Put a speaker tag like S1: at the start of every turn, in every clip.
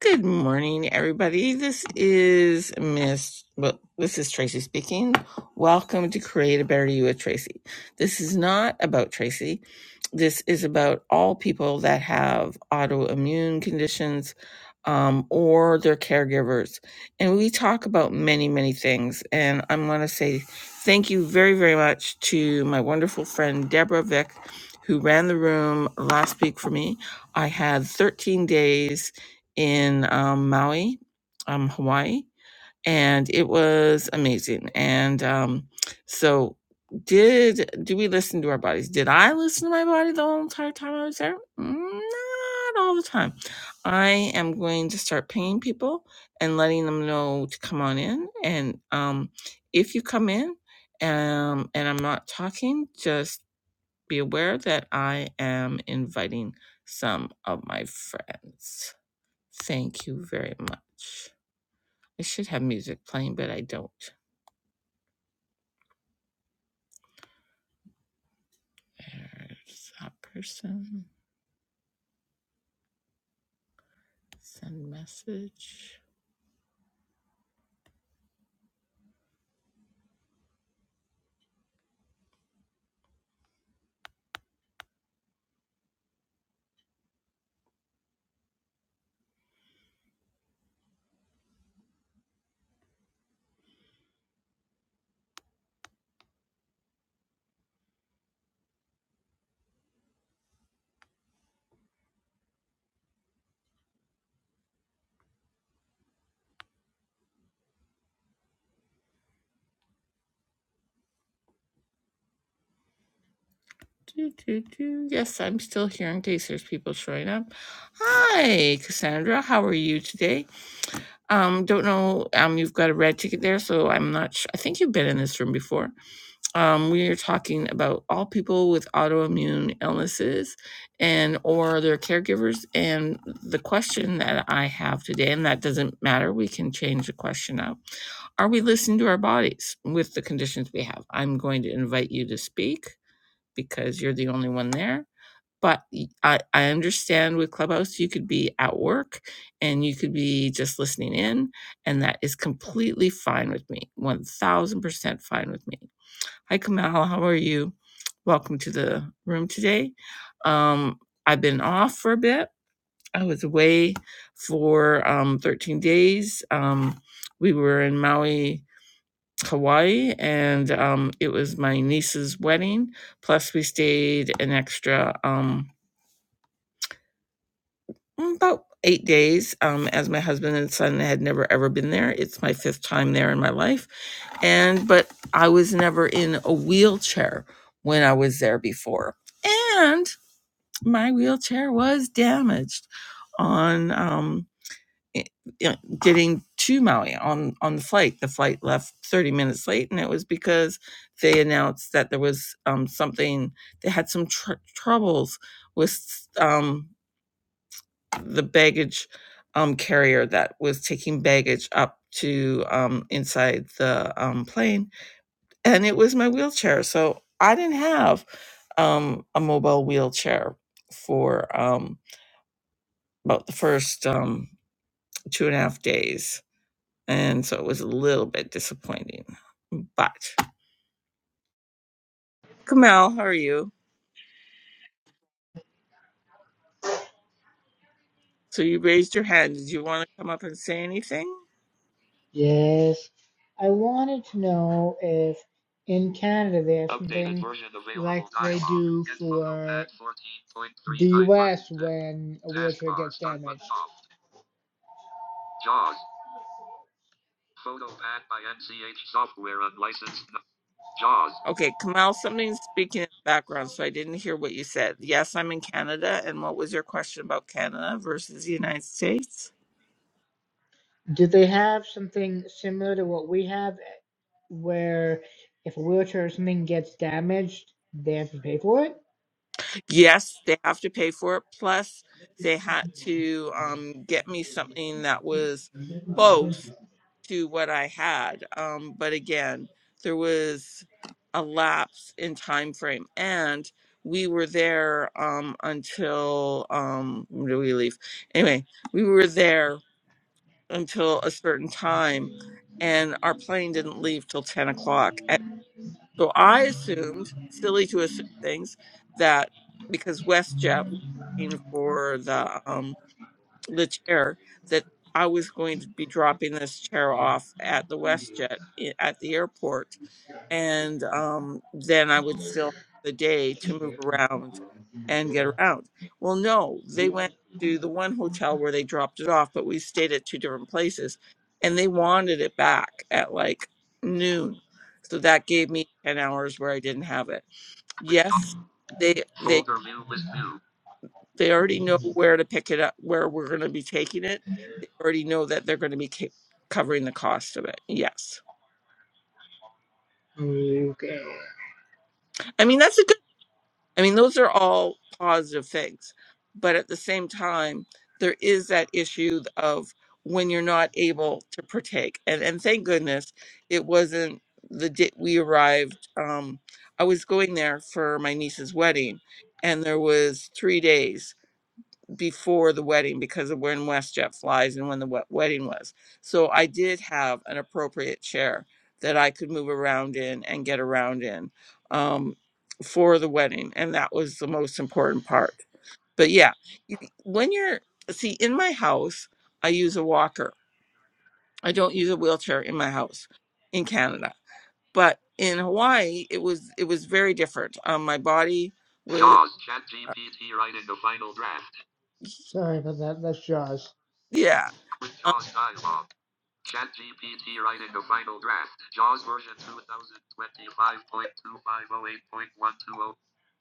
S1: Good morning, everybody. This is Miss, well, this is Tracy speaking. Welcome to Create a Better You with Tracy. This is not about Tracy. This is about all people that have autoimmune conditions um, or their caregivers. And we talk about many, many things. And I'm going to say thank you very, very much to my wonderful friend, Deborah Vick, who ran the room last week for me. I had 13 days in um, Maui, um, Hawaii, and it was amazing. And um, so, did do we listen to our bodies? Did I listen to my body the whole entire time I was there? Not all the time. I am going to start pinging people and letting them know to come on in. And um, if you come in um, and I'm not talking, just be aware that I am inviting some of my friends. Thank you very much. I should have music playing, but I don't. There's that person. Send message. Do, do, do. Yes, I'm still here in case there's people showing up. Hi, Cassandra. How are you today? Um, don't know. Um, you've got a red ticket there, so I'm not. Sh- I think you've been in this room before. um, we are talking about all people with autoimmune illnesses and or their caregivers and the question that i have today and that doesn't matter we can change the question up are we listening to our bodies with the conditions we have i'm going to invite you to speak because you're the only one there but I I understand with clubhouse you could be at work and you could be just listening in and that is completely fine with me 1000% fine with me Hi, Kamal. How are you? Welcome to the room today. Um, I've been off for a bit. I was away for um, 13 days. Um, we were in Maui, Hawaii, and um, it was my niece's wedding. Plus, we stayed an extra. um, mm, about eight days um, as my husband and son had never ever been there it's my fifth time there in my life and but i was never in a wheelchair when i was there before and my wheelchair was damaged on um, i- i- getting to maui on on the flight the flight left 30 minutes late and it was because they announced that there was um, something they had some tr- troubles with um, the baggage um, carrier that was taking baggage up to um, inside the um, plane, and it was my wheelchair. So I didn't have um, a mobile wheelchair for um, about the first um, two and a half days, and so it was a little bit disappointing. But Kamal, how are you? So you raised your hand. Did you want to come up and say anything?
S2: Yes. I wanted to know if in Canada they have an
S1: Okay, Kamal, something's speaking in the background, so I didn't hear what you said. Yes, I'm in Canada. And what was your question about Canada versus the United States?
S2: do they have something similar to what we have where if a wheelchair or something gets damaged, they have to pay for it?
S1: Yes, they have to pay for it. Plus, they had to um, get me something that was close to what I had. Um, but again, there was a lapse in time frame, and we were there um, until um, when do we leave? Anyway, we were there until a certain time, and our plane didn't leave till 10 o'clock. And so I assumed, silly to assume things, that because WestJet was looking for the um, the chair, that I was going to be dropping this chair off at the WestJet i- at the airport and um, then I would still have the day to move around and get around. Well, no, they went to the one hotel where they dropped it off, but we stayed at two different places, and they wanted it back at like noon. So that gave me ten hours where I didn't have it. Yes, they they they already know where to pick it up, where we're going to be taking it. They already know that they're going to be ca- covering the cost of it. Yes,
S2: Okay.
S1: I mean that's a good. I mean, those are all positive things. But at the same time, there is that issue of when you're not able to partake. And and thank goodness it wasn't the day we arrived. Um, I was going there for my niece's wedding, and there was three days before the wedding because of when WestJet flies and when the wed- wedding was. So I did have an appropriate chair that I could move around in and get around in um, for the wedding, and that was the most important part. But yeah, you, when you're see in my house, I use a walker. I don't use a wheelchair in my house in Canada, but in Hawaii, it was it was very different. Um, my body was
S2: Sorry about that. That's Jaws.
S1: yeah.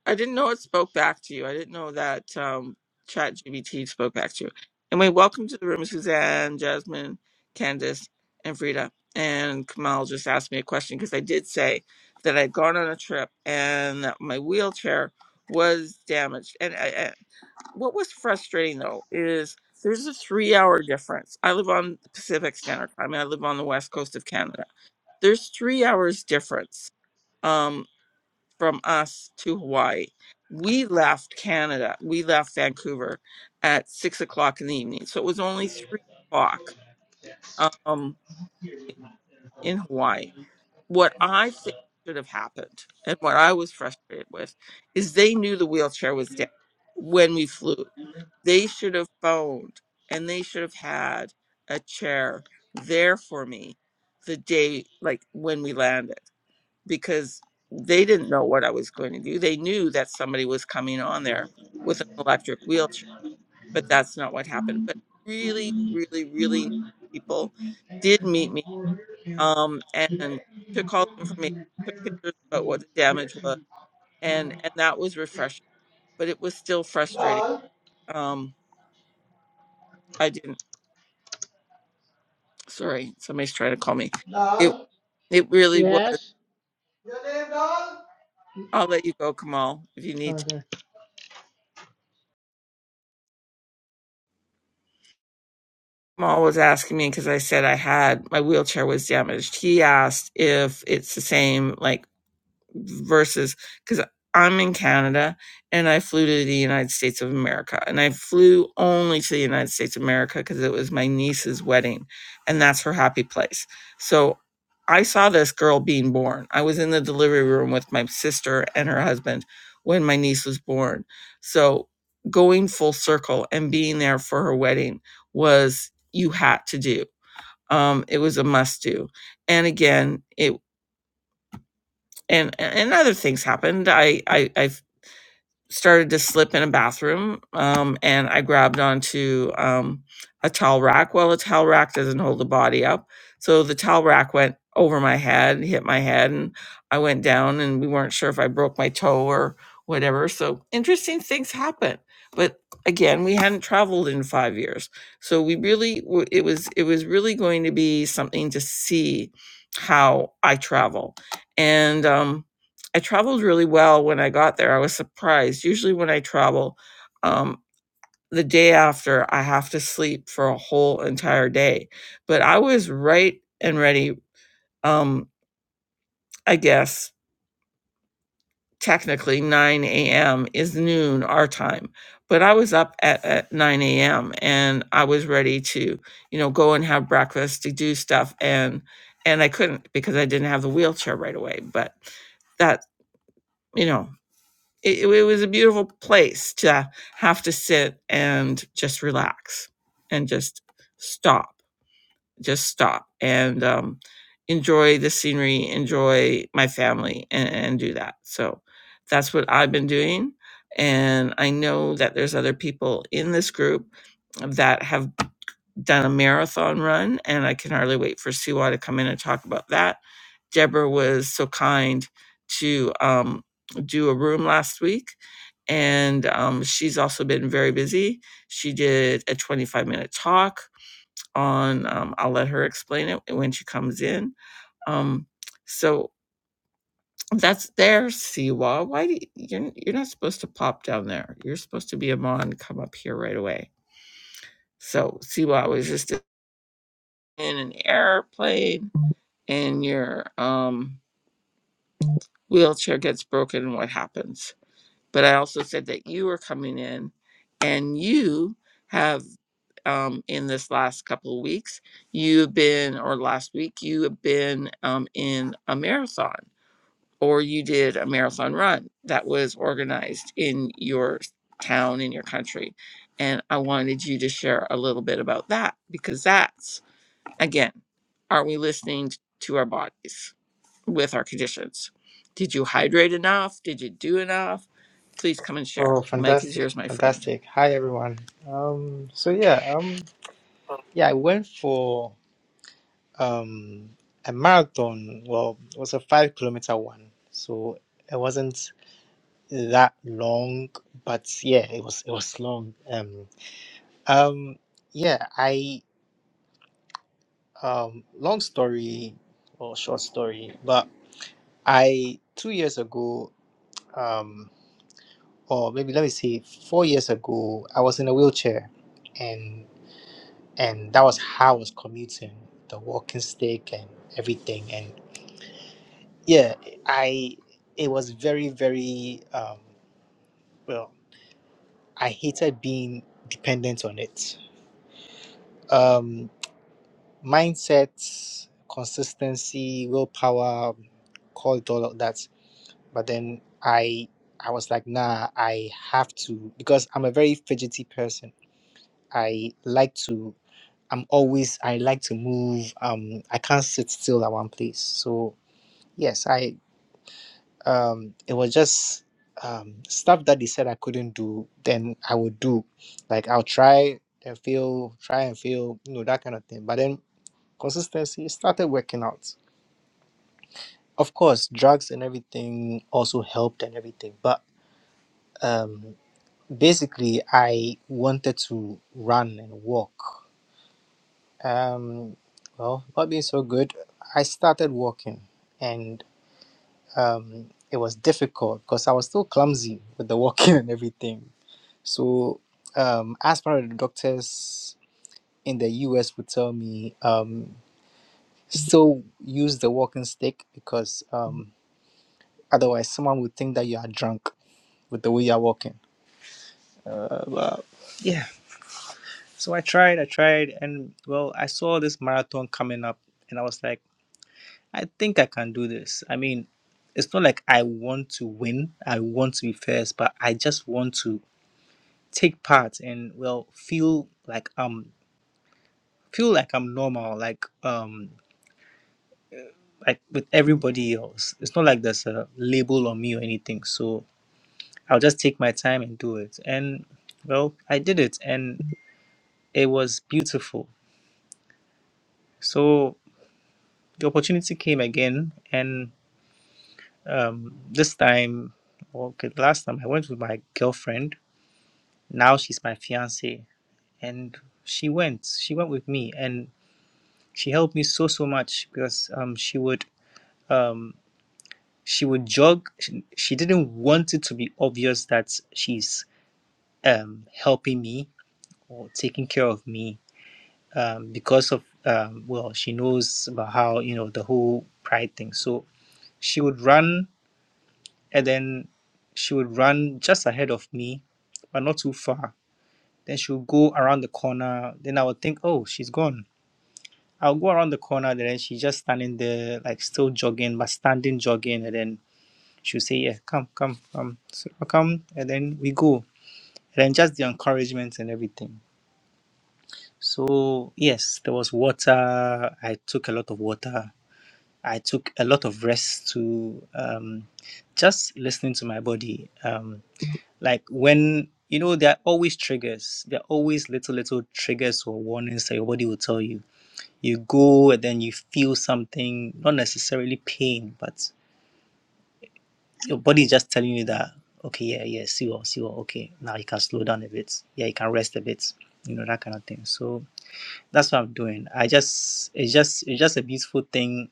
S1: I didn't know it spoke back to you. I didn't know that um, Chat GBT spoke back to you. Anyway, welcome to the room, Suzanne, Jasmine, Candace, and Frida. And Kamal just asked me a question because I did say that I'd gone on a trip and that my wheelchair was damaged. And I, I, what was frustrating though is there's a three hour difference. I live on Pacific Standard Time and I live on the west coast of Canada. There's three hours difference um, from us to Hawaii. We left Canada, we left Vancouver at six o'clock in the evening. So it was only three o'clock um, in Hawaii. What I think should have happened and what I was frustrated with is they knew the wheelchair was down when we flew. They should have phoned and they should have had a chair there for me the day, like when we landed because they didn't know what I was going to do. They knew that somebody was coming on there with an electric wheelchair, but that's not what happened. But really, really, really nice people did meet me um, and took all the information, took pictures about what the damage was, and and that was refreshing. But it was still frustrating.
S2: Dal,
S1: Um, I didn't. Sorry, somebody's trying to call me. It
S2: Dal.
S1: it really was.
S2: Yes? Your name, Dal?
S1: I'll let you go, Kamal, if you need to.
S2: Okay.
S1: Jamal was asking me because I said I had my wheelchair was damaged. He asked if it's the same like versus because I'm in Canada and I flew to the United States of America and I flew only to the United States of America because it was my niece's wedding and that's her happy place. So I saw this girl being born. I was in the delivery room with my sister and her husband when my niece was born. So going full circle and being there for her wedding was you had to do. Um, it was a must do. And again, it and and other things happened. I I, I started to slip in a bathroom, um, and I grabbed onto um, a towel rack. Well, a towel rack doesn't hold the body up, so the towel rack went over my head, hit my head, and I went down. And we weren't sure if I broke my toe or whatever. So interesting things happen. But again, we hadn't traveled in five years, so we really w- it was it was really going to be something to see how I travel, and um, I traveled really well when I got there. I was surprised. Usually, when I travel, um, the day after, I have to sleep for a whole entire day. But I was right and ready. Um, I guess technically 9 a.m. is noon our time, but I was up at, at 9 a.m. and I was ready to, you know, go and have breakfast to do stuff and and I couldn't because I didn't have the wheelchair right away. But that you know it, it was a beautiful place to have to sit and just relax and just stop just stop and um, enjoy the scenery enjoy my family and, and do that so that's what i've been doing and i know that there's other people in this group that have done a marathon run, and I can hardly wait for Siwa to come in and talk about that. Deborah was so kind to um, do a room last week, and um, she's also been very busy. She did a 25 minute talk on, um, I'll let her explain it when she comes in. Um, so that's there, Siwa. Why do you, you're, you're not supposed to pop down there? You're supposed to be a mon, come up here right away. So Siwa was just in an airplane and your um, wheelchair gets broken and what happens. But I also said that you were coming in and you have, um, in this last couple of weeks, you've been, or last week, you have been um, in a marathon or you did a marathon run that was organized in your town, in your country. And I wanted you to share a little bit about that because that's Again, are we listening to our bodies with our conditions? Did you hydrate enough? Did you do enough? Please come and share.
S3: Oh,
S1: The mic is
S3: fantastic,
S1: yours, my friend.
S3: fantastic. Hi, everyone. Um, so yeah, um, yeah, I went for um a marathon. Well, it was a five kilometer one, so it wasn't that long, but yeah, it was it was long. Um, um, yeah, I um, long story or short story, but I two years ago, um, or maybe let me see, four years ago, I was in a wheelchair, and. and that was how I was commuting, the walking stick and everything. And yeah, I it was very very um, well. I hated being dependent on it. Um, mindset, consistency, willpower, call it all of that. But then I I was like, nah, I have to because I'm a very fidgety person. I like to. I'm always. I like to move. Um, I can't sit still at one place. So Yes, I um it was just um stuff that they said I couldn't do, then I would do. Like I'll try and fail, try and fail, you know, that kind of thing. But then consistency started working out. Of course, drugs and everything also helped and everything, but um basically I wanted to run and walk. Um well, not being so good, I started walking and um, it was difficult because I was still clumsy with the walking and everything. So, um, as part of the doctors in the US would tell me, um, still use the walking stick because um, otherwise someone would think that you are drunk with the way you are walking. Uh, but, yeah. So I tried, I tried, and well, I saw this marathon coming up, and I was like, I think I can do this. I mean, it's not like I want to win. I want to be first, but I just want to. take part and well feel like I'm feel like I'm normal, like um like with everybody else. It's not like there's a label on me or anything. So I'll just take my time and do it. And well, I did it and it was beautiful. So the opportunity came again and um this time okay last time I went with my girlfriend. Now she's my fiance and she went. She went with me and she helped me so so much because um she would um, she would jog. She, she didn't want it to be obvious that she's um, helping me or taking care of me um, because of, um, well, she knows about how, you know, the whole pride thing. So she would run and then she would run just ahead of me, but not too far. Then she would go around the corner. Then I would think, oh, she's gone. I'll go around the corner, and then she's just standing there, like still jogging, but standing jogging, and then She'll say, Yeah, come, come, come. So I come and then we go. And then just the encouragement and everything. So yes, there was water. I took a lot of water. I took a lot of rest to um, just listening to my body. Um, like when you know there are always triggers. There are always little little triggers or warnings that your body will tell you. You go and then you feel something, not necessarily pain, but Your body is just telling you that, okay, yeah, yeah, see what, see what, okay, now you can slow down a bit. Yeah, you can rest a bit. You know, that kind of thing. So that's what I'm doing. I just it's just it's just a beautiful thing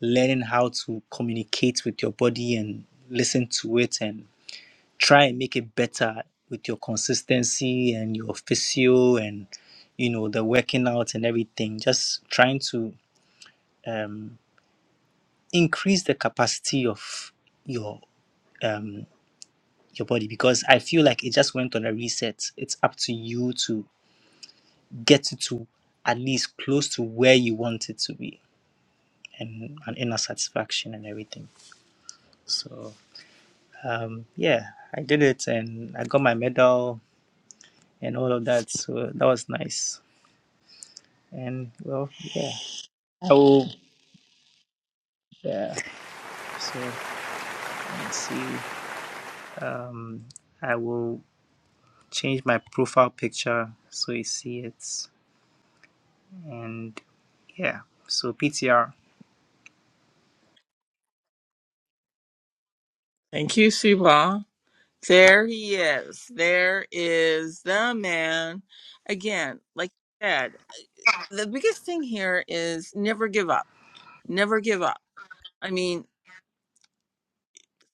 S3: learning how to communicate with your body and listen to it and try and make it better with your consistency and your physio and you know the working out and everything just trying to um, increase the capacity of your um, your body because I feel like it just went on a reset. It's up to you to get it to at least close to where you want it to be and an inner satisfaction and everything. So um, yeah, I did it and I got my medal and all of that. So that was nice. And well, yeah, I will. Yeah. So let me see. Um, I will change my profile picture so you see it. And yeah, so PTR.
S1: Thank you, Suba. There he is. There is the man. Again, like you said, the biggest thing here is never give up. Never give up. I mean,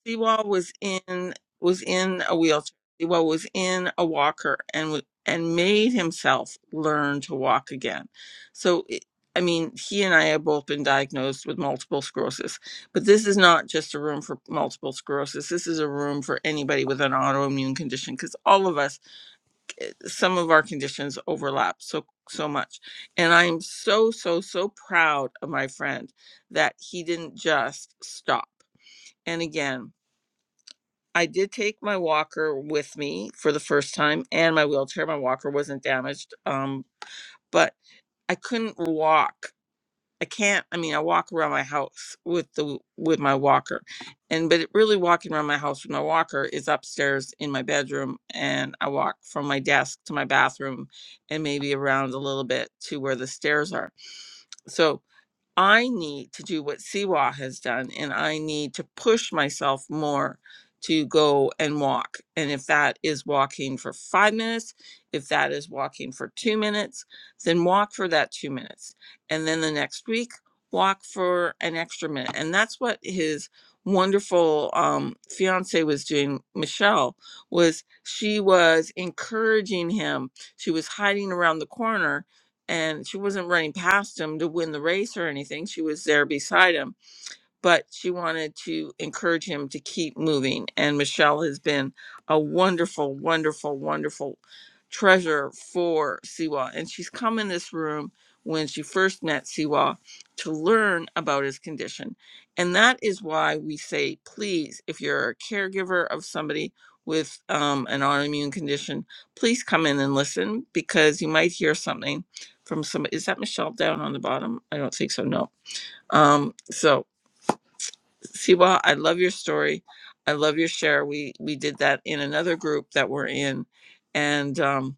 S1: Seawall was in was in a wheelchair. Seawall was in a walker and w- and made himself learn to walk again. So it, I mean, he and I have both been diagnosed with multiple sclerosis, but this is not just a room for multiple sclerosis. This is a room for anybody with an autoimmune condition because all of us, some of our conditions overlap so so much. And I am so so so proud of my friend that he didn't just stop. And again. I did take my walker with me for the first time and my wheelchair. My walker wasn't damaged, um, but I couldn't walk. I can't. I mean, I walk around my house with the with my walker, and but it really walking around my house with my walker is upstairs in my bedroom, and I walk from my desk to my bathroom, and maybe around a little bit to where the stairs are. So I need to do what Siwa has done, and I need to push myself more to go and walk. And if that is walking for five minutes, if that is walking for two minutes, then walk for that two minutes. And then the next week, walk for an extra minute. And that's what his wonderful um, fiance was doing michelle was she was encouraging him she was hiding around the corner and she wasn't running past him to win the race or anything. She was there beside him but she wanted to encourage him to keep moving. And Michelle has been a wonderful, wonderful, wonderful treasure for Siwa. And she's come in this room when she first met Siwa to learn about his condition. And that is why we say, please, if you're a caregiver of somebody with um, an autoimmune condition, please come in and listen because you might hear something from somebody. Is that Michelle down on the bottom? I don't think so. No. Um, so Siwa, I love your story. I love your share. We we did that in another group that we're in, and um,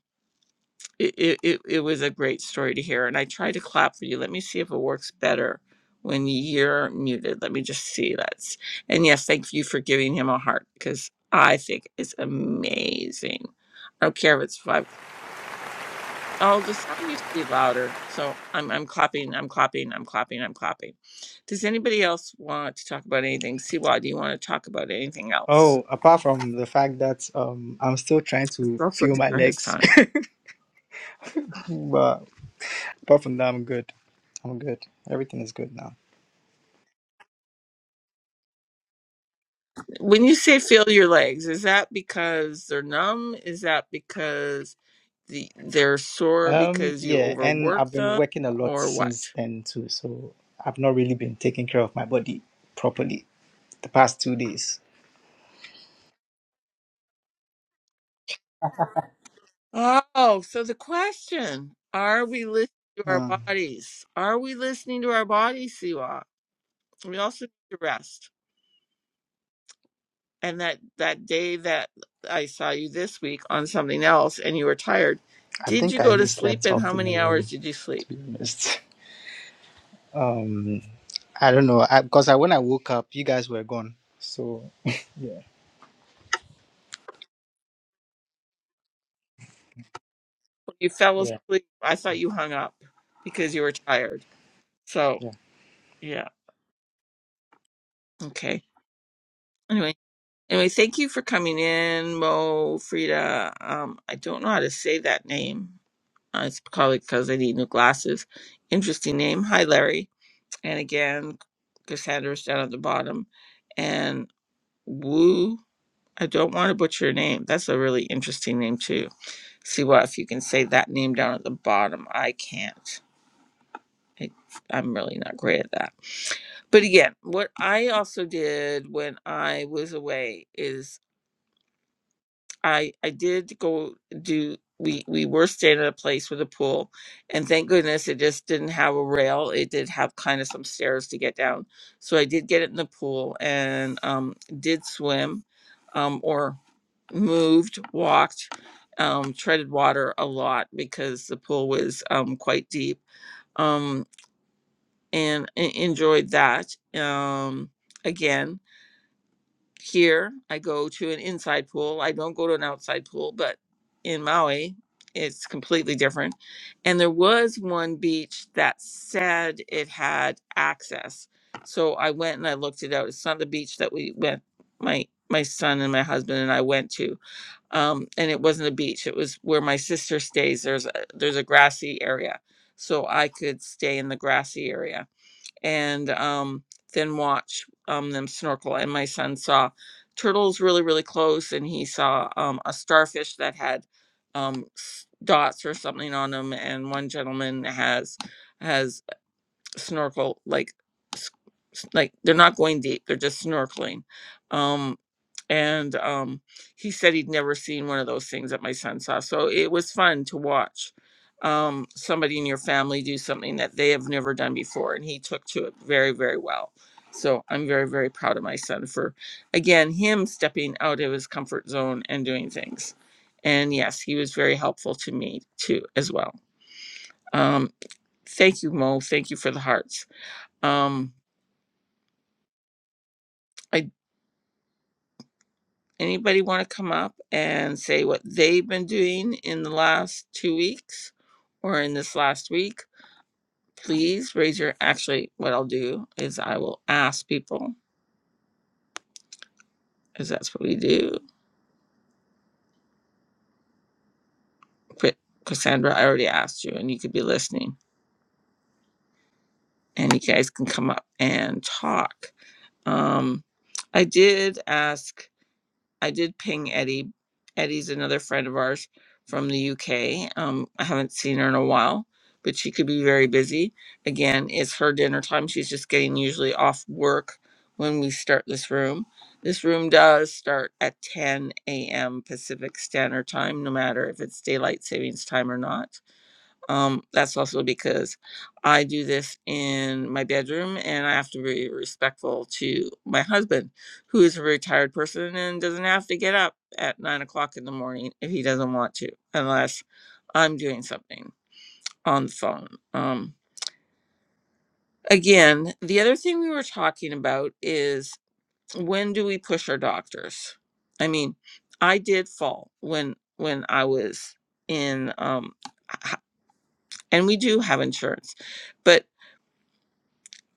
S1: it, it it it was a great story to hear. And I tried to clap for you. Let me see if it works better when you're muted. Let me just see that's. And yes, thank you for giving him a heart because I think it's amazing. I don't care if it's 500 Oh, the sound used to be louder. So I'm I'm clapping, I'm clapping, I'm clapping, I'm clapping. Does anybody else want to talk about anything? Siwa, do you want to talk about anything else?
S3: Oh, apart from the fact that um, I'm still trying
S1: It's
S3: to
S1: also
S3: feel my
S1: dinner his
S3: legs,
S1: time.
S3: but apart from that, I'm good. I'm good. Everything is good now.
S1: When you say feel your legs, is that because they're numb? Is that because the they're sore
S3: Um,
S1: because you
S3: yeah, and I've
S1: overwork
S3: been
S1: them
S3: working a lot
S1: or
S3: since
S1: what?
S3: then too, so I've not really been taking care of my body properly the past two days.
S1: Oh, so the question, are we listening to our
S3: Hmm.
S1: bodies? Are we listening to our bodies, Siwa? We also need to rest. and that that day that I saw you this week on something else and you were tired,
S3: I
S1: did
S3: think
S1: you
S3: I
S1: go to
S3: even
S1: sleep
S3: slept
S1: and
S3: off
S1: how
S3: in the
S1: many hours
S3: room,
S1: did you
S3: to
S1: sleep?
S3: be honest. Um, I don't know, because I, 'cause I when I woke up, you guys were gone. So yeah,
S1: When You fell
S3: yeah.
S1: asleep. I thought you hung up because you were tired. So, yeah. Okay. Anyway, anyway, thank you for coming in, Mo Frida. Um I don't know how to say that name. Uh, it's probably because I need new glasses. Interesting name. Hi, Larry. And again, Cassandra's down at the bottom. And Woo. I don't want to butcher your name. That's a really interesting name too. See what if you can say that name down at the bottom. I can't. I, I'm really not great at that. But again, what I also did when I was away is I I did go do we we were staying at a place with a pool, and thank goodness it just didn't have a rail. It did have kind of some stairs to get down, so I did get it in the pool and um, did swim, um, or moved, walked, um, treaded water a lot because the pool was um, quite deep, um, and, and enjoyed that. Um, again, here, I go to an inside pool. I don't go to an outside pool, but in Maui, it's completely different. And there was one beach that said it had access. So I went and I looked it out. It's not the beach that we went, my my son and my husband and I went to. Um, and it wasn't a beach. It was where my sister stays. There's a, there's a grassy area. So I could stay in the grassy area and um, then watch um, them snorkel. And my son saw turtles really, really close, and he saw um, a starfish that had um, s- dots or something on them. And one gentleman has has snorkel like like they're not going deep they're just snorkeling um and um he said he'd never seen one of those things that my son saw so it was fun to watch um somebody in your family do something that they have never done before and he took to it very very well so i'm very very proud of my son for again him stepping out of his comfort zone and doing things and yes he was very helpful to me too as well um thank you mo thank you for the hearts um, I, anybody want to come up and say what they've been doing in the last two weeks or in this last week? Please raise your. Actually, what I'll do is I will ask people, because that's what we do. But Cassandra, I already asked you, and you could be listening, and you guys can come up and talk. Um, I did ask I did ping Eddie. Eddie's another friend of ours from the UK. Um, I haven't seen her in a while, but she could be very busy. Again, it's her dinner time. She's just getting usually off work when we start this room. This room does start at 10 a.m. Pacific Standard Time, no matter if it's daylight savings time or not. Um, that's also because I do this in my bedroom and I have to be respectful to my husband, who is a retired person and doesn't have to get up at nine o'clock in the morning if he doesn't want to, unless I'm doing something on the phone. Um, again, the other thing we were talking about is when do we push our doctors? I mean, I did fall when when I was in um h- and we do have insurance. But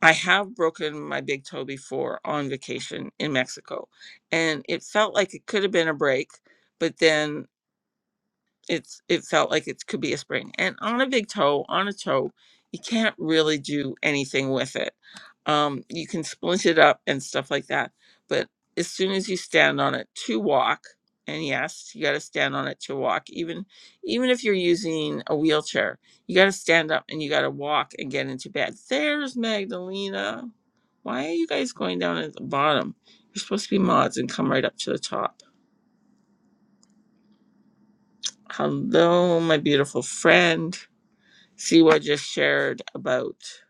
S1: I have broken my big toe before on vacation in Mexico, and it felt like it could have been a break, but then it's it felt like it could be a spring and on a big toe on a toe you can't really do anything with it um you can splint it up and stuff like that but as soon as you stand on it to walk and yes you got to stand on it to walk even even if you're using a wheelchair you got to stand up and you got to walk and get into bed there's magdalena why are you guys going down at the bottom you're supposed to be mods and come right up to the top hello my beautiful friend Siwa just shared about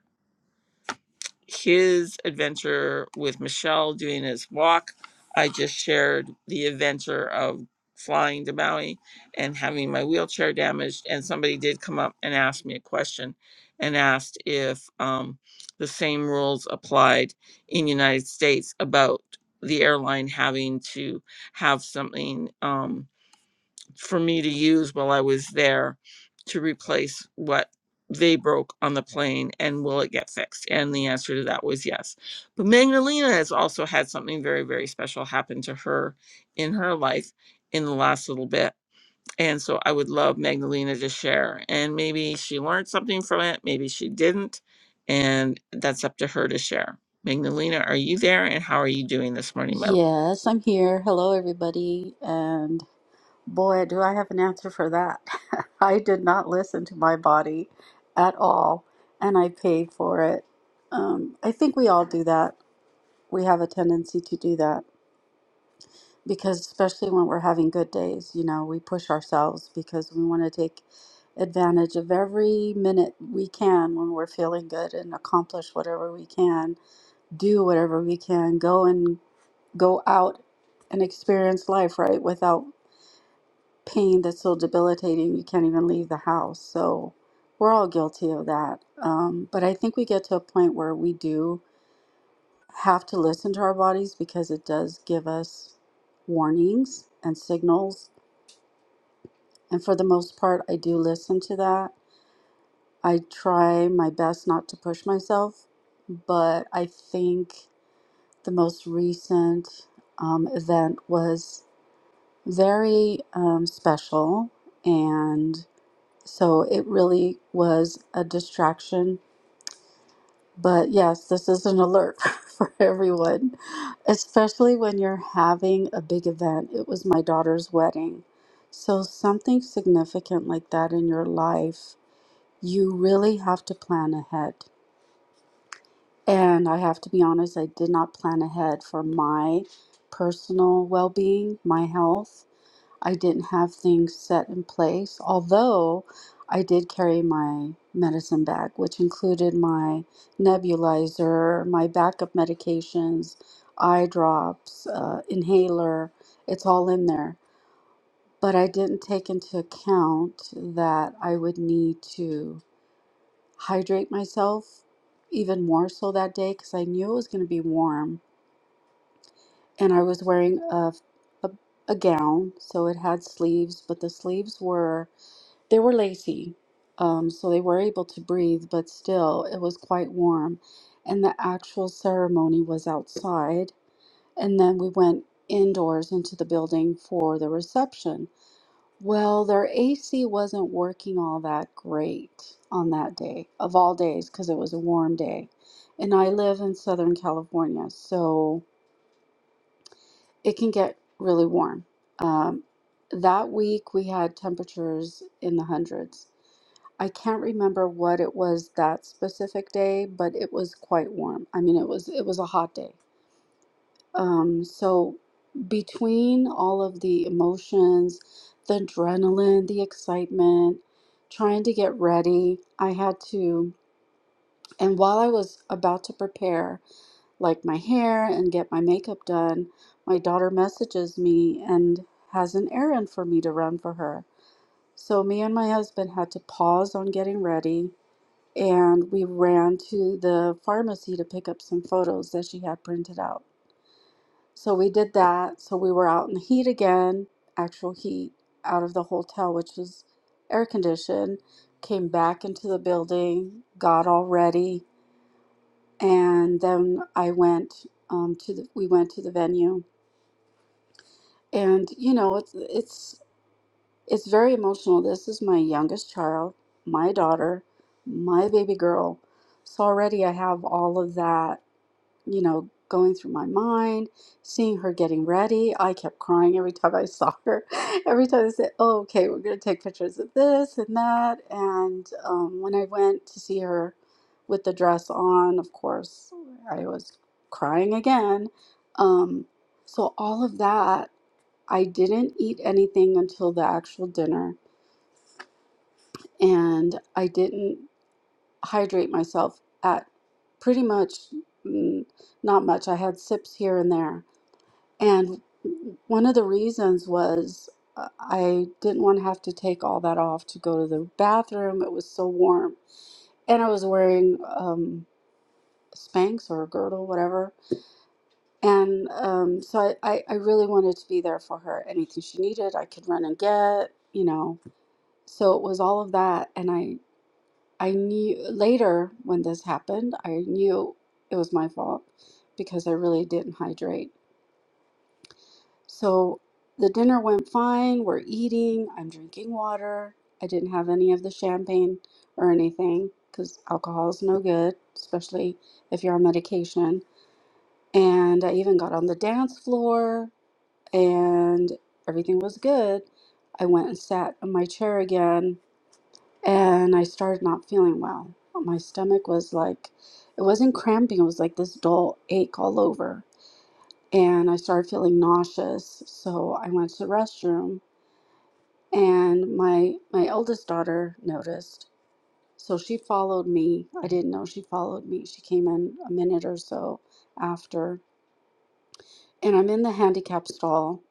S1: his adventure with Michelle doing his walk. I just shared the adventure of flying to Maui and having my wheelchair damaged. And somebody did come up and ask me a question and asked if um, the same rules applied in United States about the airline having to have something. Um, for me to use while I was there to replace what they broke on the plane and will it get fixed? And the answer to that was yes. But Magdalena has also had something very, very special happen to her in her life in the last little bit. And so I would love Magdalena to share. And maybe she learned something from it, maybe she didn't. And that's up to her to share. Magdalena, are you there? And how are you doing this morning, my
S4: Yes, I'm here. Hello, everybody. And boy, do I have an answer for that. I did not listen to my body at all, and I paid for it. Um, I think we all do that. We have a tendency to do that because, especially when we're having good days, you know, we push ourselves because we want to take advantage of every minute we can when we're feeling good and accomplish whatever we can, do whatever we can, go and go out and experience life, right? Without pain that's so debilitating, you can't even leave the house. So we're all guilty of that. Um, but I think we get to a point where we do have to listen to our bodies because it does give us warnings and signals. And for the most part, I do listen to that. I try my best not to push myself, but I think the most recent um, event was very um, special. And so it really was a distraction. But yes, this is an alert for everyone, especially when you're having a big event. It was my daughter's wedding. So, something significant like that in your life, you really have to plan ahead. And I have to be honest, I did not plan ahead for my personal well being, my health I didn't have things set in place, although I did carry my medicine bag, which included my nebulizer, my backup medications, eye drops, uh, inhaler. It's all in there. But I didn't take into account that I would need to hydrate myself even more so that day because I knew it was going to be warm. And I was wearing a, a, a gown, so it had sleeves, but the sleeves were They were lazy, um, so they were able to breathe, but still it was quite warm. And the actual ceremony was outside. And then we went indoors into the building for the reception. Well, their AC wasn't working all that great on that day, of all days, because it was a warm day. And I live in Southern California, so it can get really warm. Um, that week we had temperatures in the hundreds I can't remember what it was that specific day, but it was quite warm. I mean, it was it was a hot day. Um, so between all of the emotions, the adrenaline, the excitement, trying to get ready, I had to, and while I was about to prepare like my hair and get my makeup done, my daughter messages me and has an errand for me to run for her. So me and my husband had to pause on getting ready and we ran to the pharmacy to pick up some photos that she had printed out. So we did that. So we were out in the heat again, actual heat, out of the hotel, which was air conditioned. Came back into the building, got all ready, and then I went um, to the. We went to the venue, and you know it's it's it's very emotional. This is my youngest child, my daughter, my baby girl. So already I have all of that you know, going through my mind, seeing her getting ready. I kept crying every time I saw her. Every time I said, oh, okay, we're going to take pictures of this and that. And um, when I went to see her with the dress on, of course, I was crying again. Um, so, all of that, I didn't eat anything until the actual dinner. And I didn't hydrate myself at pretty much mm, not much. I had sips here and there and one of the reasons was uh, I didn't want to have to take all that off to go to the bathroom. It was so warm. And I was wearing um, Spanx or a girdle, whatever. And um, so I, I, I really wanted to be there for her. Anything she needed, I could run and get, you know. So it was all of that. And I, I knew later when this happened, I knew it was my fault because I really didn't hydrate So the dinner went fine. We're eating. I'm drinking water. I didn't have any of the champagne or anything because alcohol is no good, especially if you're on medication. And I even got on the dance floor and everything was good. I went and sat on my chair again and I started not feeling well. My stomach was like, it wasn't cramping, it was like this dull ache all over. And I started feeling nauseous. So I went to the restroom and my my eldest daughter noticed so she followed me i didn't know she followed me she came in a minute or so after and i'm in the handicap stall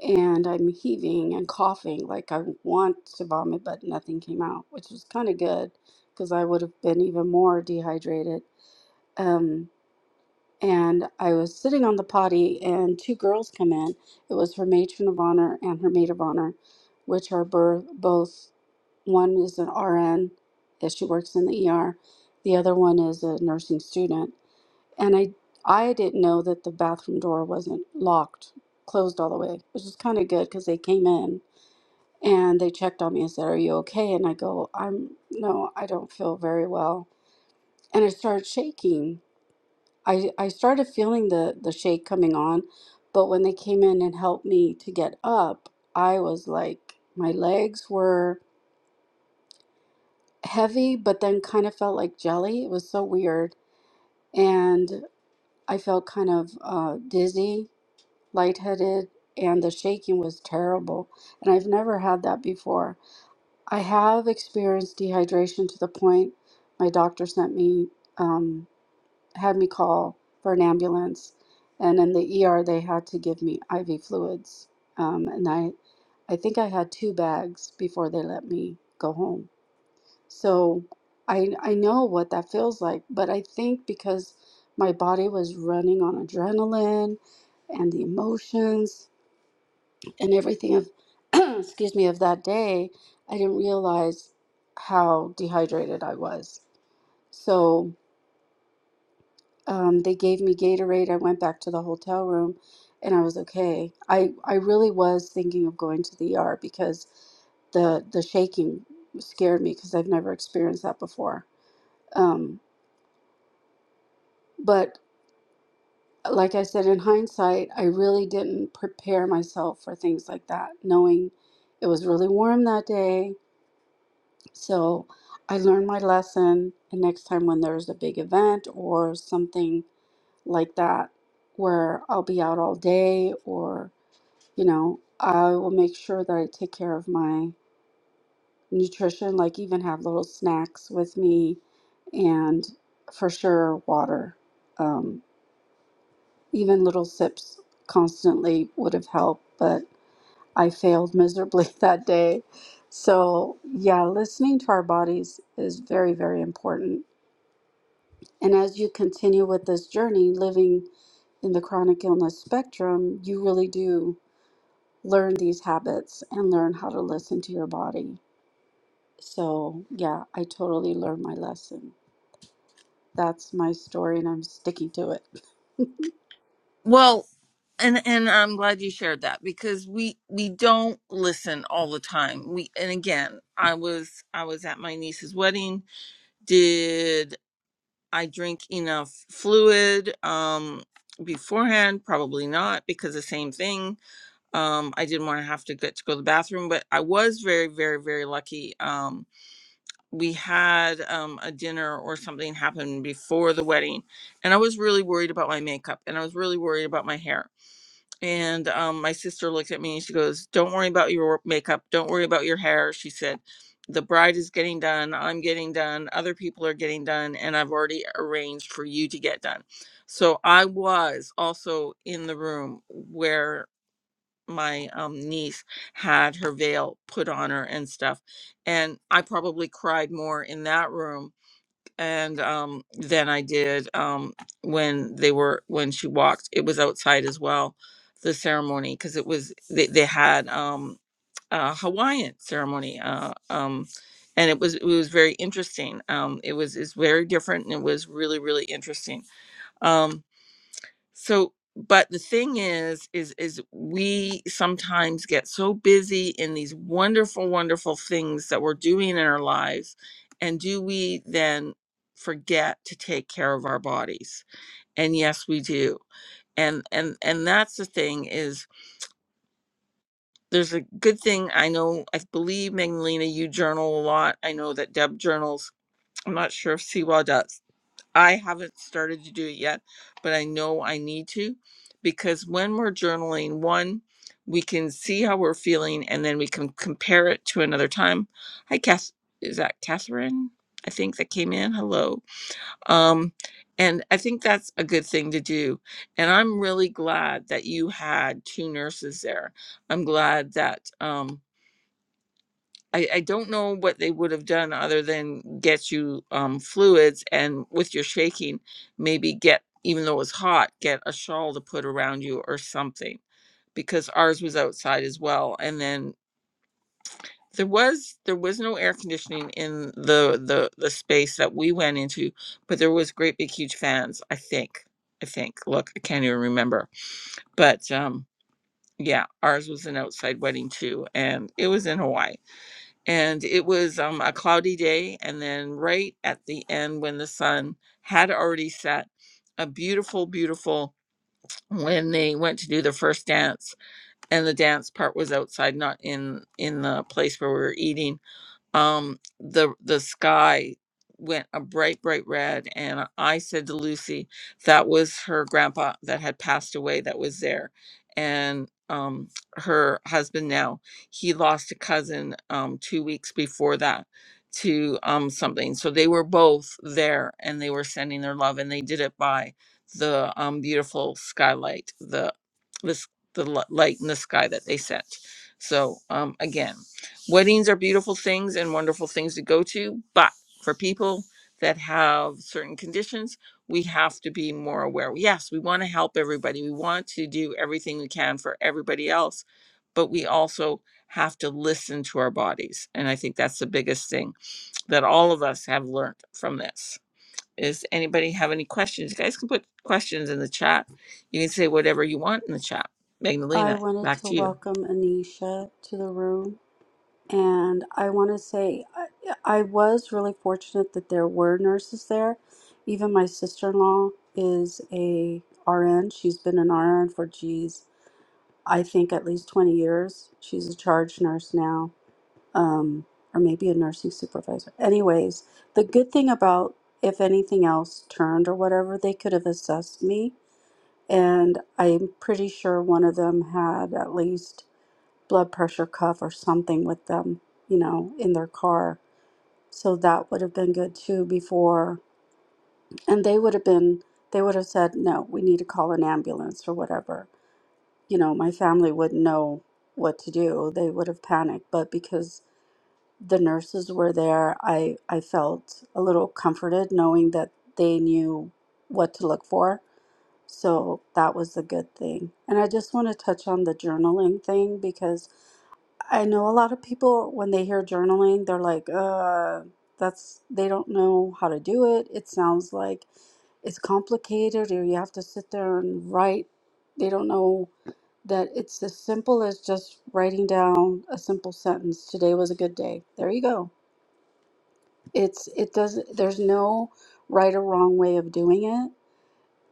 S4: and i'm heaving and coughing like i want to vomit but nothing came out which was kind of good because i would have been even more dehydrated Um, and I was sitting on the potty, and two girls come in. It was her matron of honor and her maid of honor, which are bur- both one is an RN, that she works in the ER, the other one is a nursing student. And I I didn't know that the bathroom door wasn't locked, closed all the way, which is kind of good because they came in and they checked on me and said, "Are you okay?" And I go, "I'm no, I don't feel very well," and I started shaking I I started feeling the the shake coming on, but when they came in and helped me to get up, I was like my legs were heavy, but then kind of felt like jelly. It was so weird, and I felt kind of uh, dizzy, lightheaded, and the shaking was terrible. And I've never had that before. I have experienced dehydration to the point my doctor sent me. Um, had me call for an ambulance, and in the ER they had to give me IV fluids. Um, and I, I think I had two bags before they let me go home. So I I know what that feels like, but I think because my body was running on adrenaline and the emotions and everything of excuse me of that day, I didn't realize how dehydrated I was. So um, they gave me Gatorade. I went back to the hotel room and I was okay. I, I really was thinking of going to the ER because the, the shaking scared me because I've never experienced that before. Um, but like I said, in hindsight, I really didn't prepare myself for things like that, knowing it was really warm that day. So I learned my lesson. And next time when there's a big event or something like that where I'll be out all day or, you know, I will make sure that I take care of my nutrition, like even have little snacks with me and for sure water. Um, even little sips constantly would have helped, but I failed miserably that day. So, yeah, listening to our bodies is very, very important And as you continue with this journey, living in the chronic illness spectrum, you really do learn these habits and learn how to listen to your body. So, yeah, I totally learned my lesson. That's my story, and I'm sticking to it.
S1: Well, and and I'm glad you shared that because we we don't listen all the time. We and again, I was I was at my niece's wedding. Did I drink enough fluid um beforehand? Probably not because the same thing. Um I didn't want to have to get to go to the bathroom, but I was very very very lucky. Um we had um a dinner or something happen before the wedding and I was really worried about my makeup and I was really worried about my hair and um, my sister looked at me and she goes, Don't worry about your makeup. Don't worry about your hair. She said, The bride is getting done. I'm getting done. Other people are getting done. And I've already arranged for you to get done. So I was also in the room where my um, niece had her veil put on her and stuff. And I probably cried more in that room and um, then I did um, when they were when she walked. It was outside as well, the ceremony because it was they, they had um, a Hawaiian ceremony, uh, um, and it was it was very interesting. Um, it was it's very different and it was really really interesting. Um, so, but the thing is, is is we sometimes get so busy in these wonderful, wonderful things that we're doing in our lives, and do we then forget to take care of our bodies? And yes, we do. And and and that's the thing is there's a good thing I know I believe Magdalena you journal a lot. I know that Deb journals. I'm not sure if Siwa does I haven't started to do it yet, but I know I need to because when we're journaling, one, we can see how we're feeling and then we can compare it to another time. Hi, Kath. Is that Catherine? I think that came in. Hello. Um, and I think that's a good thing to do. And I'm really glad that you had two nurses there. I'm glad that. um, I, I don't know what they would have done other than get you um, fluids and with your shaking, maybe get, even though it was hot, get a shawl to put around you or something because ours was outside as well. And then there was there was no air conditioning in the the the space that we went into, but there was great big huge fans. I think I think. Look, I can't even remember, but um, yeah, ours was an outside wedding too, and it was in Hawaii and it was um, a cloudy day and then right at the end when the sun had already set a beautiful beautiful when they went to do the first dance and the dance part was outside not in in the place where we were eating um the the sky went a bright bright red and i said to lucy that was her grandpa that had passed away that was there and um her husband now he lost a cousin um 2 weeks before that to um something so they were both there and they were sending their love and they did it by the um beautiful skylight the this the li- light in the sky that they sent so um again Weddings are beautiful things and wonderful things to go to, but for people that have certain conditions, we have to be more aware. Yes, we want to help everybody. We want to do everything we can for everybody else, but we also have to listen to our bodies. And I think that's the biggest thing that all of us have learned from this. Does anybody have any questions? You guys can put questions in the chat. You can say whatever you want in the chat.
S4: I
S1: Magdalena,
S4: wanted
S1: back
S4: to
S1: to you.
S4: welcome Anisha to the room. And I want to say, I, I was really fortunate that there were nurses there. Even my sister in law is a RN. She's been an RN for, geez, I think at least 20 years. She's a charge nurse now, um, or maybe a nursing supervisor. Anyways, the good thing about if anything else turned or whatever, they could have assessed me. And I'm pretty sure one of them had at least blood pressure cuff or something with them, you know, in their car. So that would have been good too before. And they would have been, they would have said, no, we need to call an ambulance or whatever you know, my family wouldn't know what to do. They would have panicked. But because the nurses were there, I, I felt a little comforted knowing that they knew what to look for. So that was a good thing. And I just want to touch on the journaling thing because I know a lot of people, when they hear journaling, they're like, uh, that's, they don't know how to do it. It sounds like it's complicated or you have to sit there and write. They don't know that it's as simple as just writing down a simple sentence. Today was a good day. There you go. It's it doesn't there's no right or wrong way of doing it.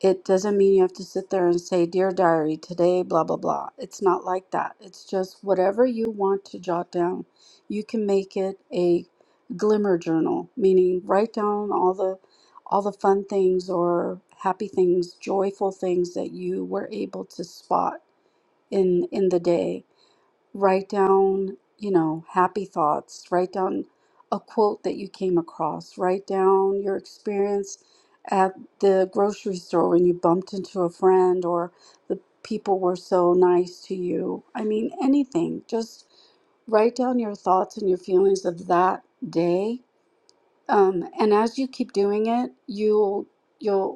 S4: It doesn't mean you have to sit there and say, Dear diary, today, blah blah blah. It's not like that. It's just whatever you want to jot down. You can make it a glimmer journal, meaning write down all the all the fun things or happy things, joyful things that you were able to spot in in the day write down, you know, happy thoughts, write down a quote that you came across, write down your experience at the grocery store when you bumped into a friend or the people were so nice to you. I mean, anything. Just write down your thoughts and your feelings of that day. Um, and as you keep doing it, you'll you'll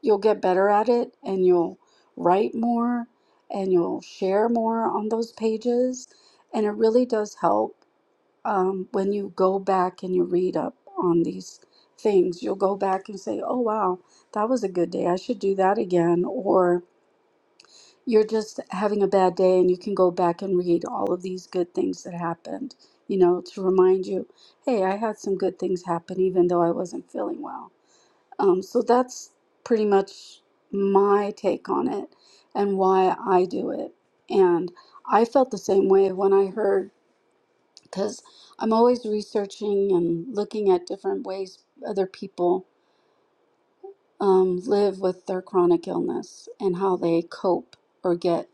S4: You'll get better at it and you'll write more and you'll share more on those pages. And it really does help um, when you go back and you read up on these things. You'll go back and say, oh, wow, that was a good day. I should do that again. Or you're just having a bad day and you can go back and read all of these good things that happened, you know, to remind you, hey, I had some good things happen even though I wasn't feeling well. Um, so that's pretty much my take on it and why I do it. And I felt the same way when I heard, because I'm always researching and looking at different ways other people um, live with their chronic illness and how they cope or get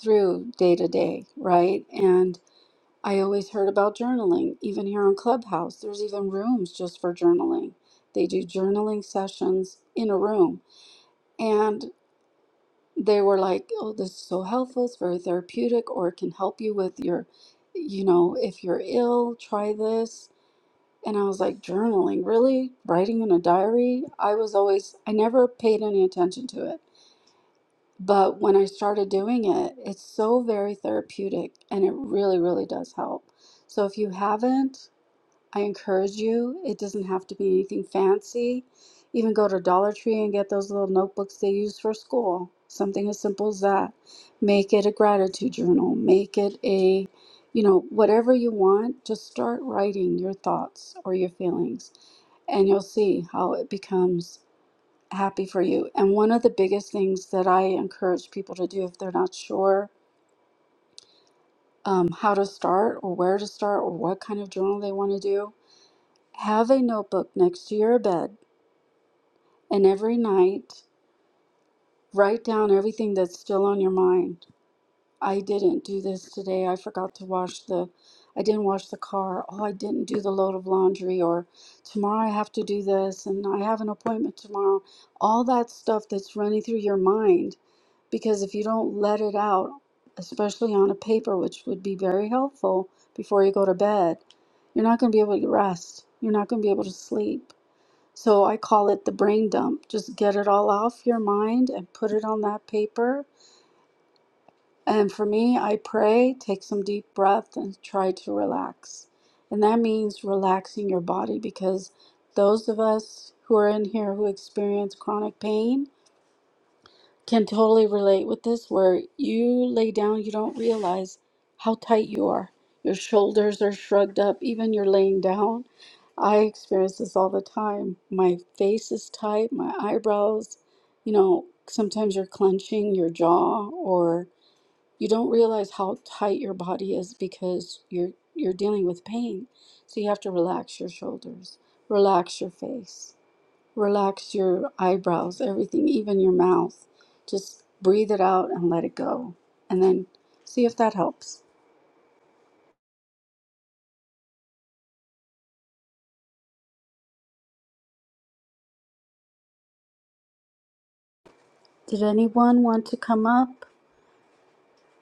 S4: through day to day, right? And I always heard about journaling, even here on Clubhouse. There's even rooms just for journaling. They do journaling sessions in a room. and. they were like, "Oh, this is so helpful. It's very therapeutic, or it can help you with your, you know, if you're ill, try this." And I was like, "Journaling, really? Writing in a diary?" I was always, I never paid any attention to it. But when I started doing it, it's so very therapeutic and it really, really does help. So if you haven't, I encourage you, it doesn't have to be anything fancy. Even go to Dollar Tree and get those little notebooks they use for school. Something as simple as that. Make it a gratitude journal. Make it a, you know, whatever you want, just start writing your thoughts or your feelings, and you'll see how it becomes happy for you. And one of the biggest things that I encourage people to do if they're not sure um, how to start or where to start or what kind of journal they want to do have a notebook next to your bed, and every night write down everything that's still on your mind. I didn't do this today. I forgot to wash the I didn't wash the car. Oh, I didn't do the load of laundry or tomorrow I have to do this and I have an appointment tomorrow. All that stuff that's running through your mind because if you don't let it out, especially on a paper, which would be very helpful before you go to bed, you're not going to be able to rest. You're not going to be able to sleep So I call it the brain dump. Just get it all off your mind and put it on that paper. And for me, I pray, take some deep breath, and try to relax. And that means relaxing your body because those of us who are in here who experience chronic pain can totally relate with this, where you lay down, you don't realize how tight you are. Your shoulders are shrugged up, even you're laying down I experience this all the time. My face is tight, my eyebrows, you know, sometimes you're clenching your jaw or you don't realize how tight your body is because you're you're dealing with pain. So you have to relax your shoulders, relax your face, relax your eyebrows, everything, even your mouth. Just breathe it out and let it go. And then see if that helps. Did anyone want to come up?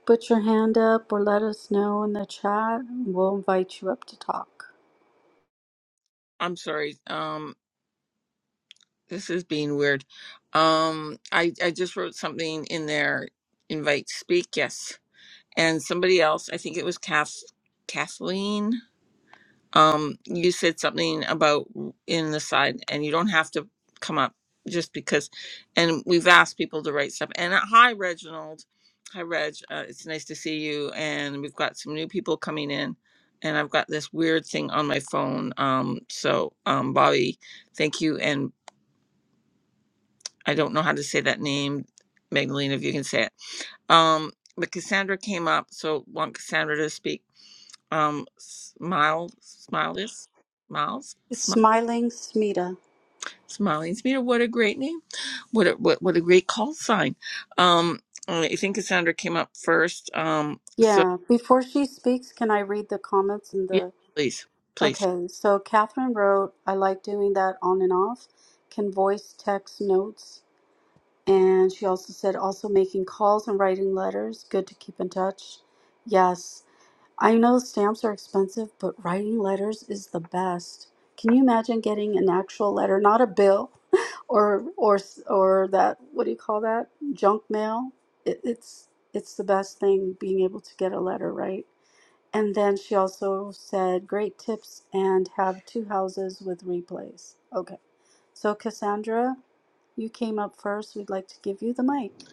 S4: Put your hand up or let us know in the chat. and We'll invite you up to talk.
S1: I'm sorry. Um, this is being weird. Um, I I just wrote something in there. Invite speak yes, and somebody else. I think it was Kath, Kathleen. um you said something about in the side and you don't have to come up just because and we've asked people to write stuff and uh, hi reginald hi reg uh, it's nice to see you and we've got some new people coming in and i've got this weird thing on my phone um so um bobby thank you and i don't know how to say that name magdalene if you can say it um but cassandra came up so want cassandra to speak um smile smile is miles
S4: It's Smiling Smita.
S1: Smiling Spear, what a great name. What a, what what a great call sign. Um I think Cassandra came up first. Um so
S4: Yeah, before she speaks, can I read the comments in
S1: yeah,
S4: the.
S1: please. Please.
S4: Okay, so Catherine wrote, I like doing that on and off. Can voice text notes. And she also said, also making calls and writing letters. Good to keep in touch. Yes. I know stamps are expensive, but writing letters is the best. Can you imagine getting an actual letter, not a bill, or or or that what do you call that junk mail? It, it's it's the best thing being able to get a letter, right? And then she also said, "Great tips and have two houses with replays." Okay, so Cassandra, you came up first. We'd like to give you the mic.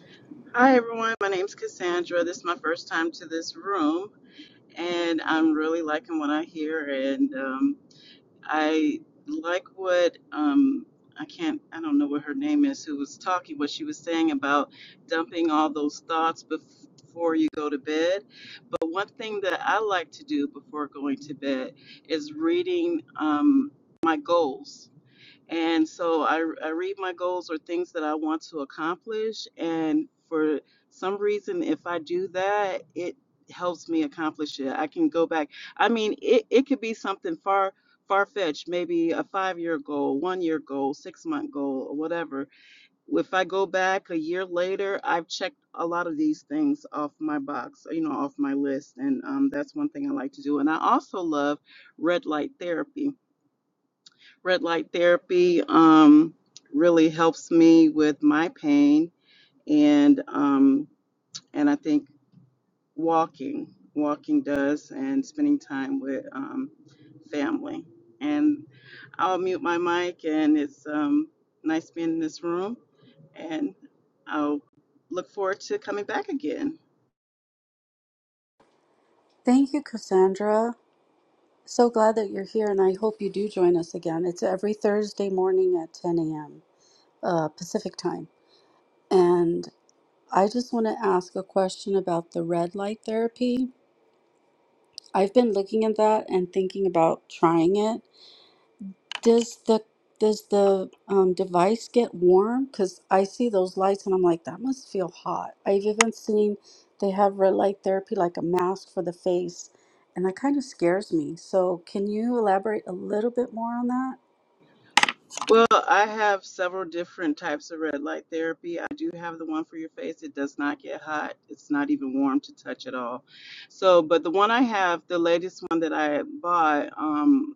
S5: Hi, everyone. My name's Cassandra. This is my first time to this room, and I'm really liking what I hear. And um, I like what um, I can't, I don't know what her name is, who was talking, what she was saying about dumping all those thoughts before you go to bed. But one thing that I like to do before going to bed is reading um, my goals. And so I, I read my goals or things that I want to accomplish. And for some reason, if I do that, it helps me accomplish it. I can go back. I mean, it, it could be something far, far fetched, maybe a five year goal, one year goal, six month goal, or whatever. If I go back a year later, I've checked a lot of these things off my box, you know, off my list. And um, that's one thing I like to do. And I also love red light therapy Red light therapy um, really helps me with my pain, and um, and I think walking, walking does, and spending time with um, family. And I'll mute my mic, and it's um, nice being in this room, and I'll look forward to coming back again.
S4: Thank you, Cassandra. So glad that you're here, and I hope you do join us again. It's every Thursday morning at 10 a.m. Uh, Pacific time. And I just want to ask a question about the red light therapy. I've been looking at that and thinking about trying it. Does the does the um, device get warm? Because I see those lights and I'm like, that must feel hot. I've even seen they have red light therapy, like a mask for the face, and that kind of scares me. So, can you elaborate a little bit more on that?
S5: Well, I have several different types of red light therapy. I do have the one for your face. It does not get hot. It's not even warm to touch at all. So, but the one I have, the latest one that I bought, um,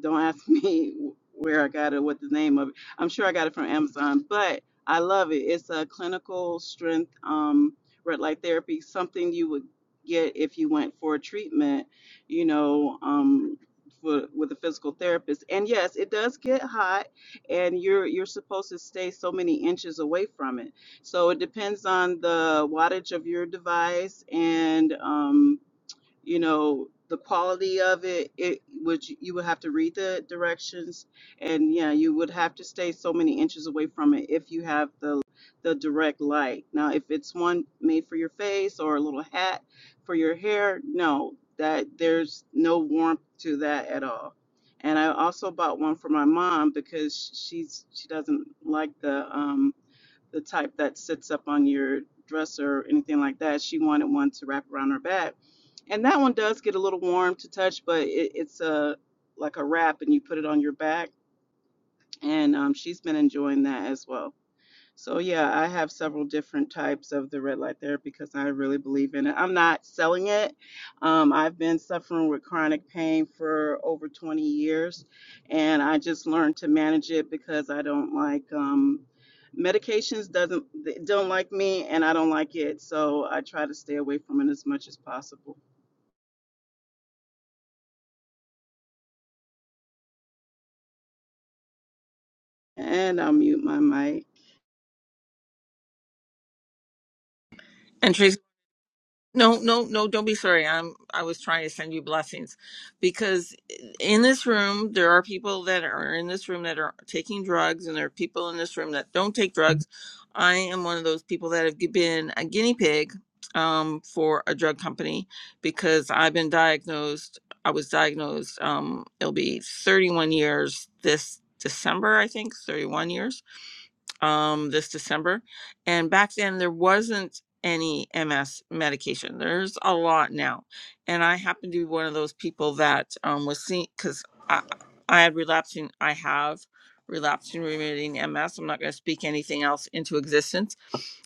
S5: don't ask me where I got it, what the name of it. I'm sure I got it from Amazon, but I love it. It's a clinical strength um, red light therapy, something you would get if you went for a treatment, you know, um, for, with a physical therapist. And yes, it does get hot, and you're you're supposed to stay so many inches away from it. So it depends on the wattage of your device and. Um, you know the quality of it it would you would have to read the directions and yeah you would have to stay so many inches away from it if you have the the direct light now if it's one made for your face or a little hat for your hair no that there's no warmth to that at all and i also bought one for my mom because she's she doesn't like the um the type that sits up on your dresser or anything like that. She wanted one to wrap around her back. And that one does get a little warm to touch, but it, it's a like a wrap and you put it on your back. And um, she's been enjoying that as well. So yeah, I have several different types of the red light therapy because I really believe in it. I'm not selling it. Um, I've been suffering with chronic pain for over 20 years, and I just learned to manage it because I don't like um, medications. Doesn't they don't like me, and I don't like it. So I try to stay away from it as much as possible. And I'll mute my mic.
S1: And Tracy No, no, no, don't be sorry. I'm I was trying to send you blessings because in this room there are people that are in this room that are taking drugs and there are people in this room that don't take drugs. I am one of those people that have been a guinea pig um for a drug company because I've been diagnosed I was diagnosed um it'll be 31 years this December I think 31 years um, this December. And back then, there wasn't any MS medication. There's a lot now. And I happen to be one of those people that um, was seen because I, I had relapsing, I have relapsing remitting MS. I'm not going to speak anything else into existence.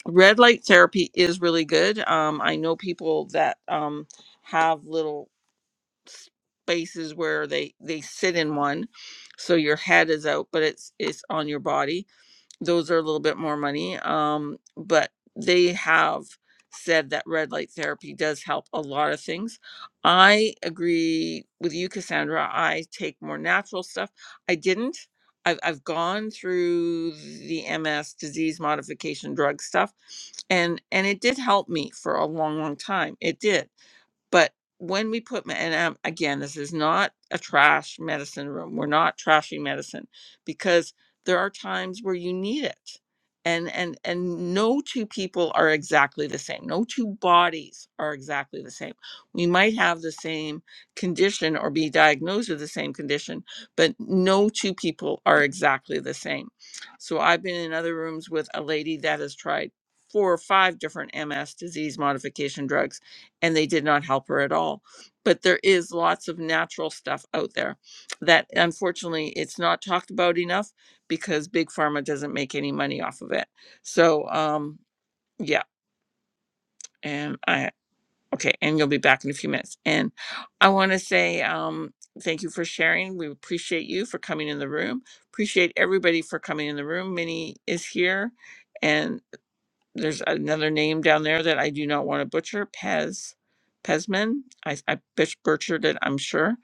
S1: Red light therapy is really good. Um, I know people that um, have little spaces where they they sit in one so your head is out but it's it's on your body those are a little bit more money um but they have said that red light therapy does help a lot of things i agree with you cassandra i take more natural stuff i didn't i've, I've gone through the ms disease modification drug stuff and and it did help me for a long long time it did but when we put, me- and um, again, this is not a trash medicine room. We're not trashing medicine because there are times where you need it. And, and and no two people are exactly the same. No two bodies are exactly the same. We might have the same condition or be diagnosed with the same condition, but no two people are exactly the same. So I've been in other rooms with a lady that has tried four or five different MS disease modification drugs and they did not help her at all. But there is lots of natural stuff out there that unfortunately it's not talked about enough because big pharma doesn't make any money off of it. So um yeah, and I okay, and you'll be back in a few minutes. And I want to say um thank you for sharing. We appreciate you for coming in the room. Appreciate everybody for coming in the room. Minnie is here and there's another name down there that I do not want to butcher, Pez, Pezman. I, I butch- butchered it, I'm sure.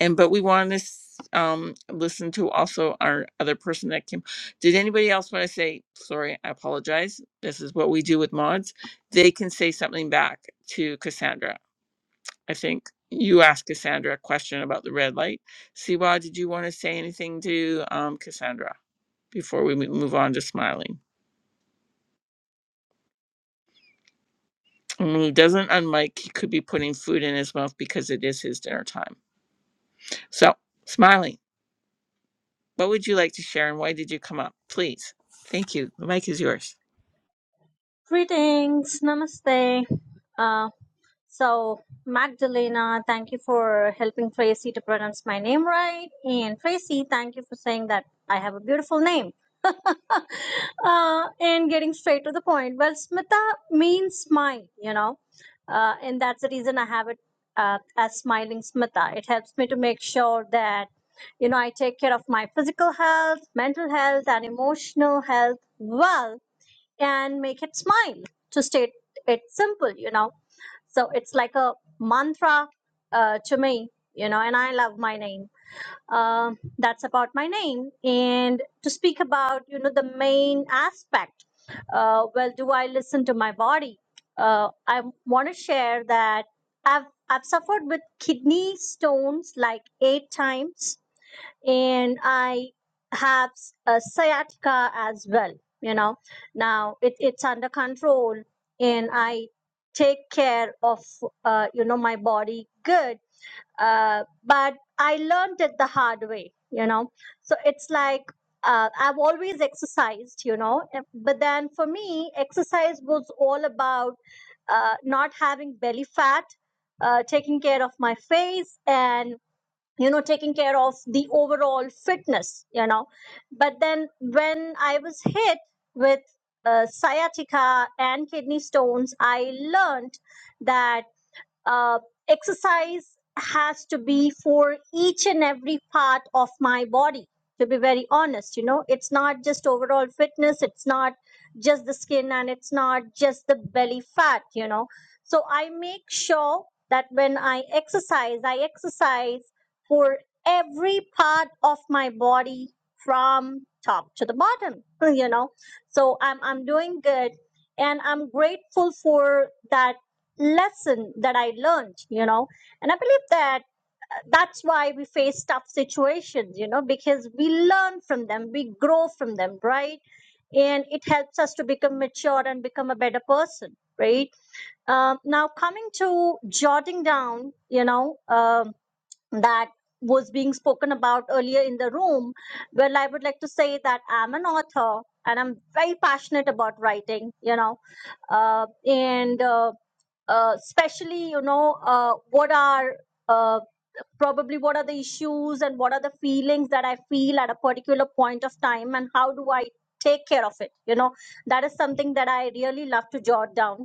S1: And but we want to s- um, listen to also our other person that came. Did anybody else want to say? Sorry, I apologize. This is what we do with mods. They can say something back to Cassandra. I think you asked Cassandra a question about the red light. Siwa, did you want to say anything to um, Cassandra before we mo- move on to smiling? And when he doesn't unmic, he could be putting food in his mouth because it is his dinner time. So, Smiley, what would you like to share and why did you come up? Please. Thank you. The mic is yours.
S6: Greetings, namaste. Uh, so, Magdalena, thank you for helping Tracy to pronounce my name right. And Tracy, thank you for saying that I have a beautiful name. uh, and getting straight to the point. Well, Smita means smile, you know, uh, and that's the reason I have it uh, as smiling Smita. It helps me to make sure that, you know, I take care of my physical health, mental health, and emotional health well and make it smile to state it simple you know so it's like a mantra uh, to me you know and i love my name um, that's about my name and to speak about you know the main aspect uh, well do i listen to my body uh, i want to share that i've i've suffered with kidney stones like eight times and I have s- a sciatica as well. You know, now it, it's under control, and I take care of uh, you know my body good. Uh, but I learned it the hard way. You know, so it's like uh, I've always exercised. You know, and- but then for me, exercise was all about uh, not having belly fat, uh, taking care of my face, and you know taking care of the overall fitness you know but then when i was hit with uh, sciatica and kidney stones i learned that uh, exercise has to be for each and every part of my body to be very honest you know it's not just overall fitness it's not just the skin and it's not just the belly fat you know so i make sure that when i exercise i exercise for every part of my body from top to the bottom you know so i'm i'm doing good and i'm grateful for that lesson that I learned, you know. And I believe that uh, that's why we face tough situations, you know, because we learn from them, we grow from them, right? And it helps us to become mature and become a better person, right? Um, now, coming to jotting down, you know, um, that was being spoken about earlier in the room, well, I would like to say that I'm an author and I'm very passionate about writing, you know, uh, and uh, uh, especially you know uh, what are uh, probably what are the issues and what are the feelings that i feel at a particular point of time and how do i take care of it you know that is something that i really love to jot down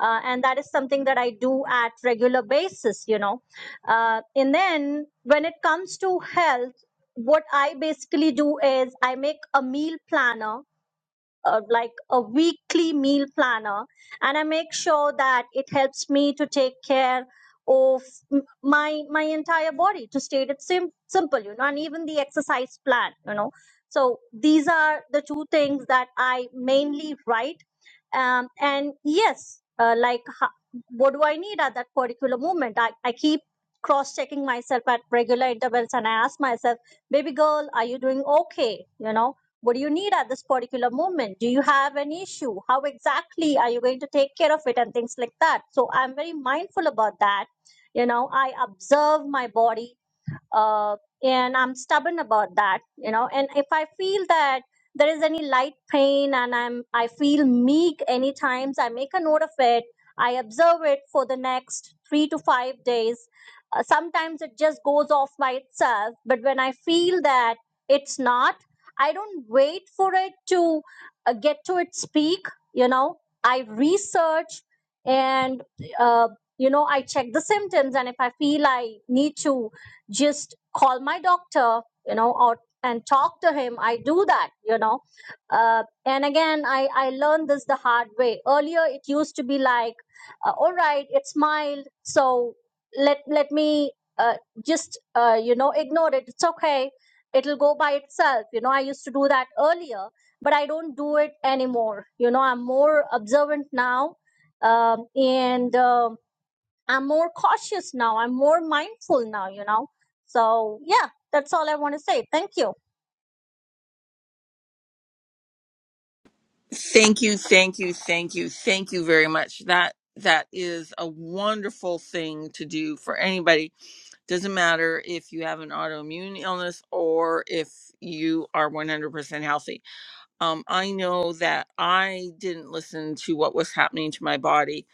S6: uh, and that is something that i do at regular basis you know uh, and then when it comes to health what i basically do is i make a meal planner uh, like a weekly meal planner and i make sure that it helps me to take care of m- my my entire body to state it sim- simple you know and even the exercise plan you know so these are the two things that i mainly write um, and yes uh, like ho- what do i need at that particular moment i, I keep cross checking myself at regular intervals and i ask myself baby girl are you doing okay you know what do you need at this particular moment? Do you have an issue? How exactly are you going to take care of it and things like that? So I'm very mindful about that. You know, I observe my body uh, and i'm stubborn about that you know and if i feel that there is any light pain and i'm i feel meek any times i make a note of it i observe it for the next three to five days uh, sometimes it just goes off by itself but when i feel that it's not i don't wait for it to uh, get to its peak you know i research and uh, you know i check the symptoms and if i feel i need to just call my doctor you know or and talk to him i do that you know uh, and again i i learned this the hard way earlier it used to be like uh, all right it's mild so let let me uh, just uh, you know ignore it it's okay it'll go by itself you know i used to do that earlier but i don't do it anymore you know i'm more observant now um, and um I'm more cautious now. I'm more mindful now, you know. So yeah, that's all I want to say. Thank you.
S1: Thank you, thank you, thank you, thank you very much. That that is a wonderful thing to do for anybody. Doesn't matter if you have an autoimmune illness or if you are 100% healthy Um, I know that I didn't listen to what was happening to my body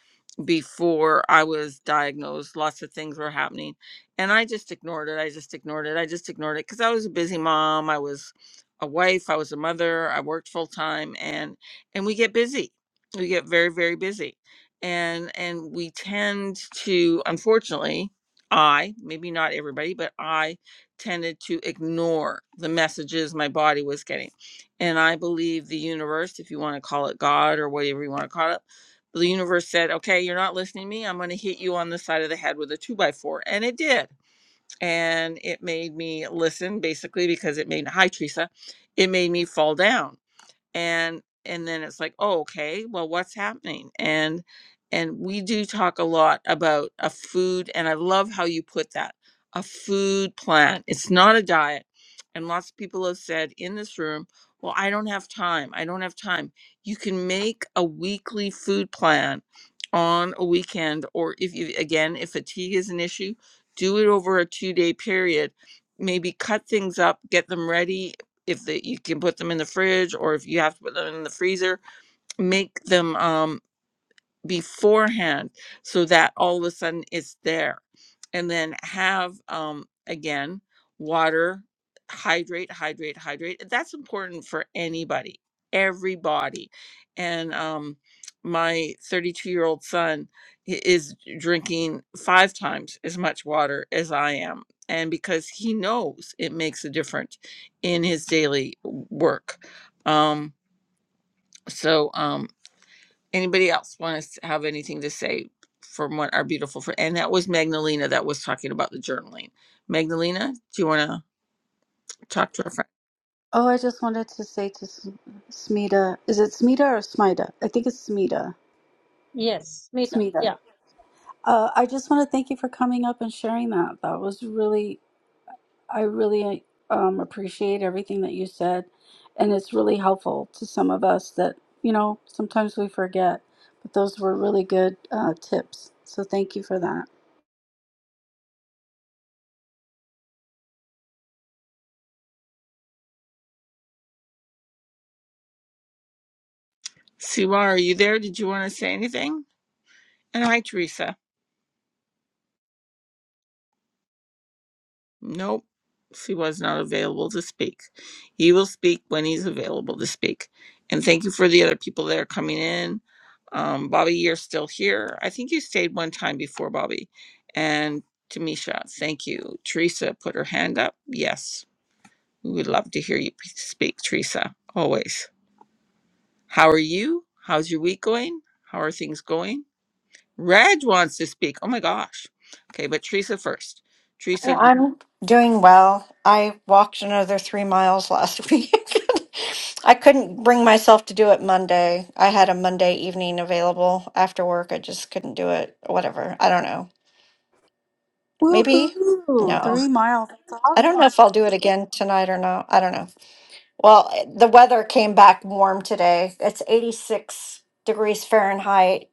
S1: before I was diagnosed. Lots of things were happening, and I just ignored it. I just ignored it. I just ignored it because I was a busy mom. I was a wife. I was a mother. I worked full time, and and we get busy. We get very very busy, and and we tend to, unfortunately, I maybe not everybody, but I tended to ignore the messages my body was getting and I believe the universe, if you want to call it God or whatever you want to call it, the universe said, okay, you're not listening to me. I'm going to hit you on the side of the head with a two by four. And it did. And it made me listen, basically, because it made, hi, Teresa, it made me fall down and and then it's like oh okay well what's happening and and we do talk a lot about a food and i love how you put that a food plan it's not a diet and lots of people have said in this room well i don't have time i don't have time you can make a weekly food plan on a weekend or if you again if fatigue is an issue do it over a two day period maybe cut things up get them ready if the, you can put them in the fridge or if you have to put them in the freezer, make them um beforehand so that all of a sudden it's there and then have um again water hydrate hydrate hydrate that's important for anybody everybody and um my 32 year old son i- is drinking five times as much water as i am and because he knows it makes a difference in his daily w- work um so um, Anybody else want to have anything to say from what our beautiful friend? And that was Magdalena that was talking about the journaling. Magdalena, do you want to talk to our friend?
S4: Oh, I just wanted to say to S- Smita, is it Smita or Smita? I think it's Smita.
S6: Yes, Meta.
S4: Smita.
S6: Yeah.
S4: Uh, I just want to thank you for coming up and sharing that. That was really, I really um, appreciate everything that you said. And it's really helpful to some of us that, you know, sometimes we forget. But those were really good uh, tips. So thank you for that.
S1: Siwa, are you there? Did you want to say anything? And hi, Teresa. Nope. Siwa's not available to speak. He will speak when he's available to speak. And thank you for the other people that are coming in. Um, Bobby, you're still here. I think you stayed one time before, Bobby. And Tamisha, thank you. Teresa put her hand up. Yes. We would love to hear you speak, Teresa, always. How are you? How's your week going? How are things going? Reg wants to speak. Oh my gosh. Okay, but Teresa first.
S7: Hey,
S1: Teresa, the
S7: I'm doing well. I walked another three miles last week. I couldn't bring myself to do it Monday. I had a Monday evening available after work. I just couldn't do it. Whatever. I don't know. Maybe?
S4: Woohoo!
S7: No.
S4: Three miles. That's
S7: I don't
S4: awesome.
S7: know if I'll do it again tonight or not. I don't know. Well, the weather came back warm today. It's 86 degrees Fahrenheit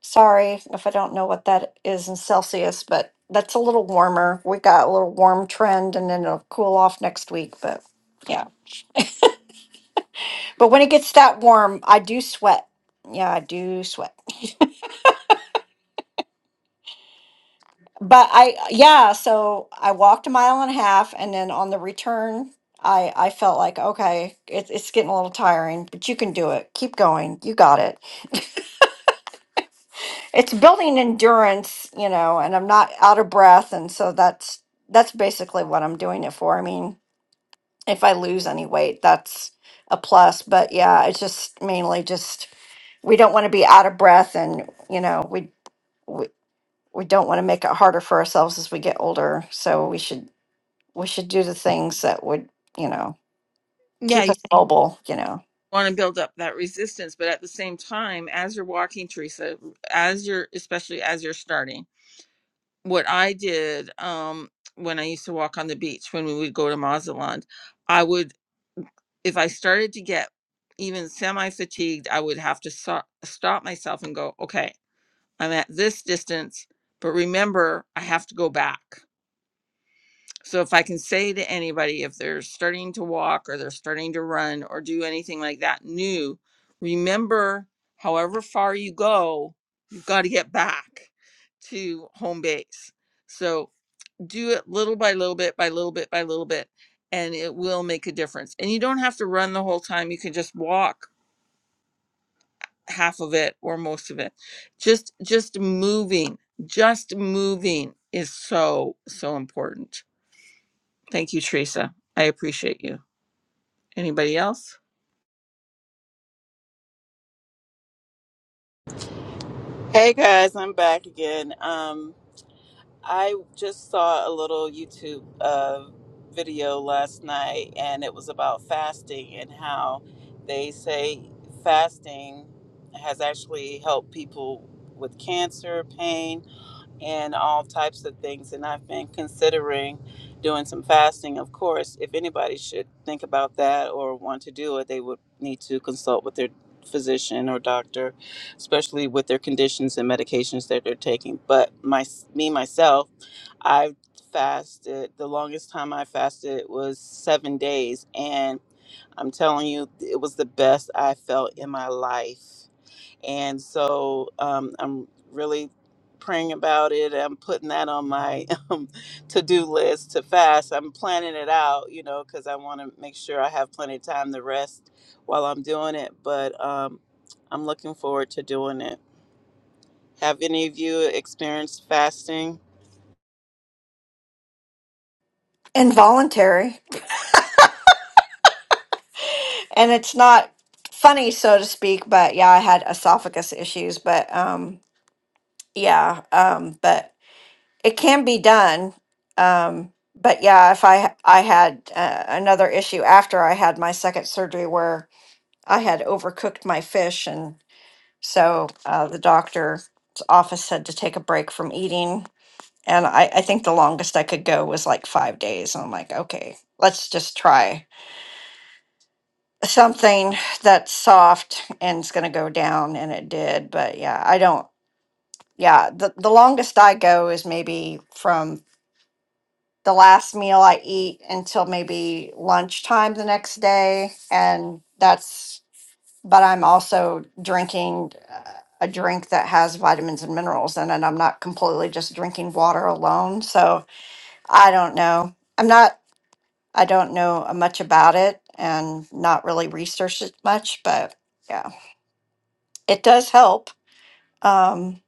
S7: Sorry if I don't know what that is in Celsius, but that's a little warmer. We got a little warm trend and then it'll cool off next week, but yeah. But when it gets that warm, I do sweat. Yeah, I do sweat. But I yeah, so I walked a mile and a half and then on the return I I felt like okay, it's it's getting a little tiring, but you can do it. Keep going. You got it. It's building endurance, you know, and I'm not out of breath and so that's that's basically what I'm doing it for. I mean, if I lose any weight, that's a plus. But yeah, it's just mainly just we don't want to be out of breath, and you know we we, we don't want to make it harder for ourselves as we get older. So we should we should do the things that would you know
S1: Yeah,
S7: keep
S1: you-
S7: us mobile, you know,
S1: want to build up that resistance but at the same time as you're walking teresa as you're especially as you're starting what i did um when i used to walk on the beach when we would go to mazatlan i would if i started to get even semi fatigued i would have to so- stop myself and go okay I'm at this distance, but remember, I have to go back. So if I can say to anybody, if they're starting to walk or they're starting to run or do anything like that new, remember, however far you go, you've got to get back to home base. So do it little by little bit by little bit by little bit, and it will make a difference. And you don't have to run the whole time. You can just walk half of it or most of it just just moving just moving is so so important thank you teresa i appreciate you anybody else
S5: Hey guys, I'm back again. Um, I just saw a little YouTube uh, video last night, and it was about fasting and how they say fasting has actually helped people with cancer, pain, and all types of things. And I've been considering doing some fasting. Of course, if anybody should think about that or want to do it, they would need to consult with their physician or doctor, especially with their conditions and medications that they're taking. But my me myself I fasted. The longest time I fasted was seven days. And I'm telling you, it was the best I felt in my life. And so um, I'm really praying about it. I'm putting that on my um, to do list to fast. I'm planning it out, you know, because I want to make sure I have plenty of time to rest while I'm doing it. But um, I'm looking forward to doing it. Have any of you experienced fasting?
S7: involuntary, and it's not funny so to speak. But yeah, I had esophagus issues, but um yeah um but it can be done. Um, but yeah, if I I had uh, another issue after I had my second surgery where I had overcooked my fish, and so uh, the doctor's office had to take a break from eating. And I, I think the longest I could go was like five days. And I'm like, okay, let's just try something that's soft and it's going to go down. And it did. But yeah, I don't, yeah, the, the longest I go is maybe from the last meal I eat until maybe lunchtime the next day. And that's, but I'm also drinking uh, a drink that has vitamins and minerals in it. I'm not completely just drinking water alone. So I don't know. I'm not, I don't know uh, much about it and not really researched it much, but yeah, it does help, um,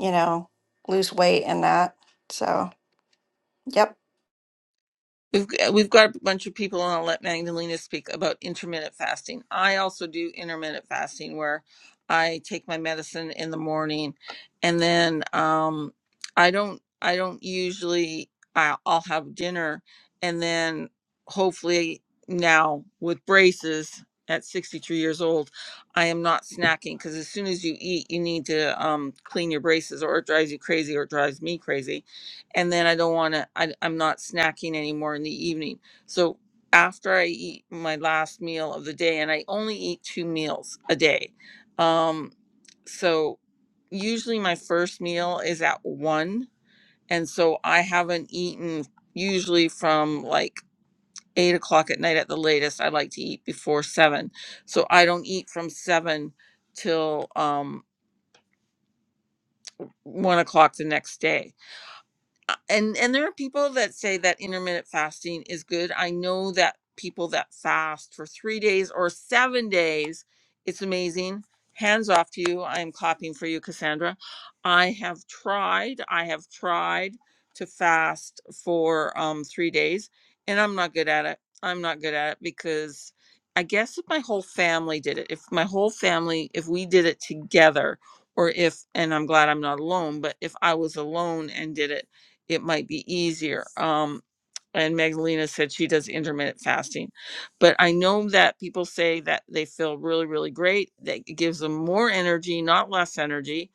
S7: you know, lose weight and that. So, yep.
S1: We've, we've got a bunch of people, and I'll let Magdalena speak about intermittent fasting. I also do intermittent fasting where I take my medicine in the morning, and then um, I don't I don't usually I'll, I'll have dinner, and then hopefully now with braces at 63 years old, I am not snacking because as soon as you eat, you need to um, clean your braces, or it drives you crazy, or it drives me crazy and then I don't want to. I I'm not snacking anymore in the evening. So after I eat my last meal of the day, and I only eat two meals a day, um, so usually my first meal is at one, and so I haven't eaten usually from like eight o'clock at night at the latest. I like to eat before seven, so I don't eat from seven till um one o'clock the next day uh, and and there are people that say that intermittent fasting is good. I know that people that fast for 3 days or 7 days, it's amazing. Hands off to you. I am clapping for you, Cassandra. I have tried. I have tried to fast for um 3 days and I'm not good at it. I'm not good at it because I guess if my whole family did it, if my whole family, if we did it together, or if, and I'm glad I'm not alone, but if I was alone and did it, it might be easier. Um, and Magdalena said she does intermittent fasting, but I know that people say that they feel really, really great. That it gives them more energy, not less energy.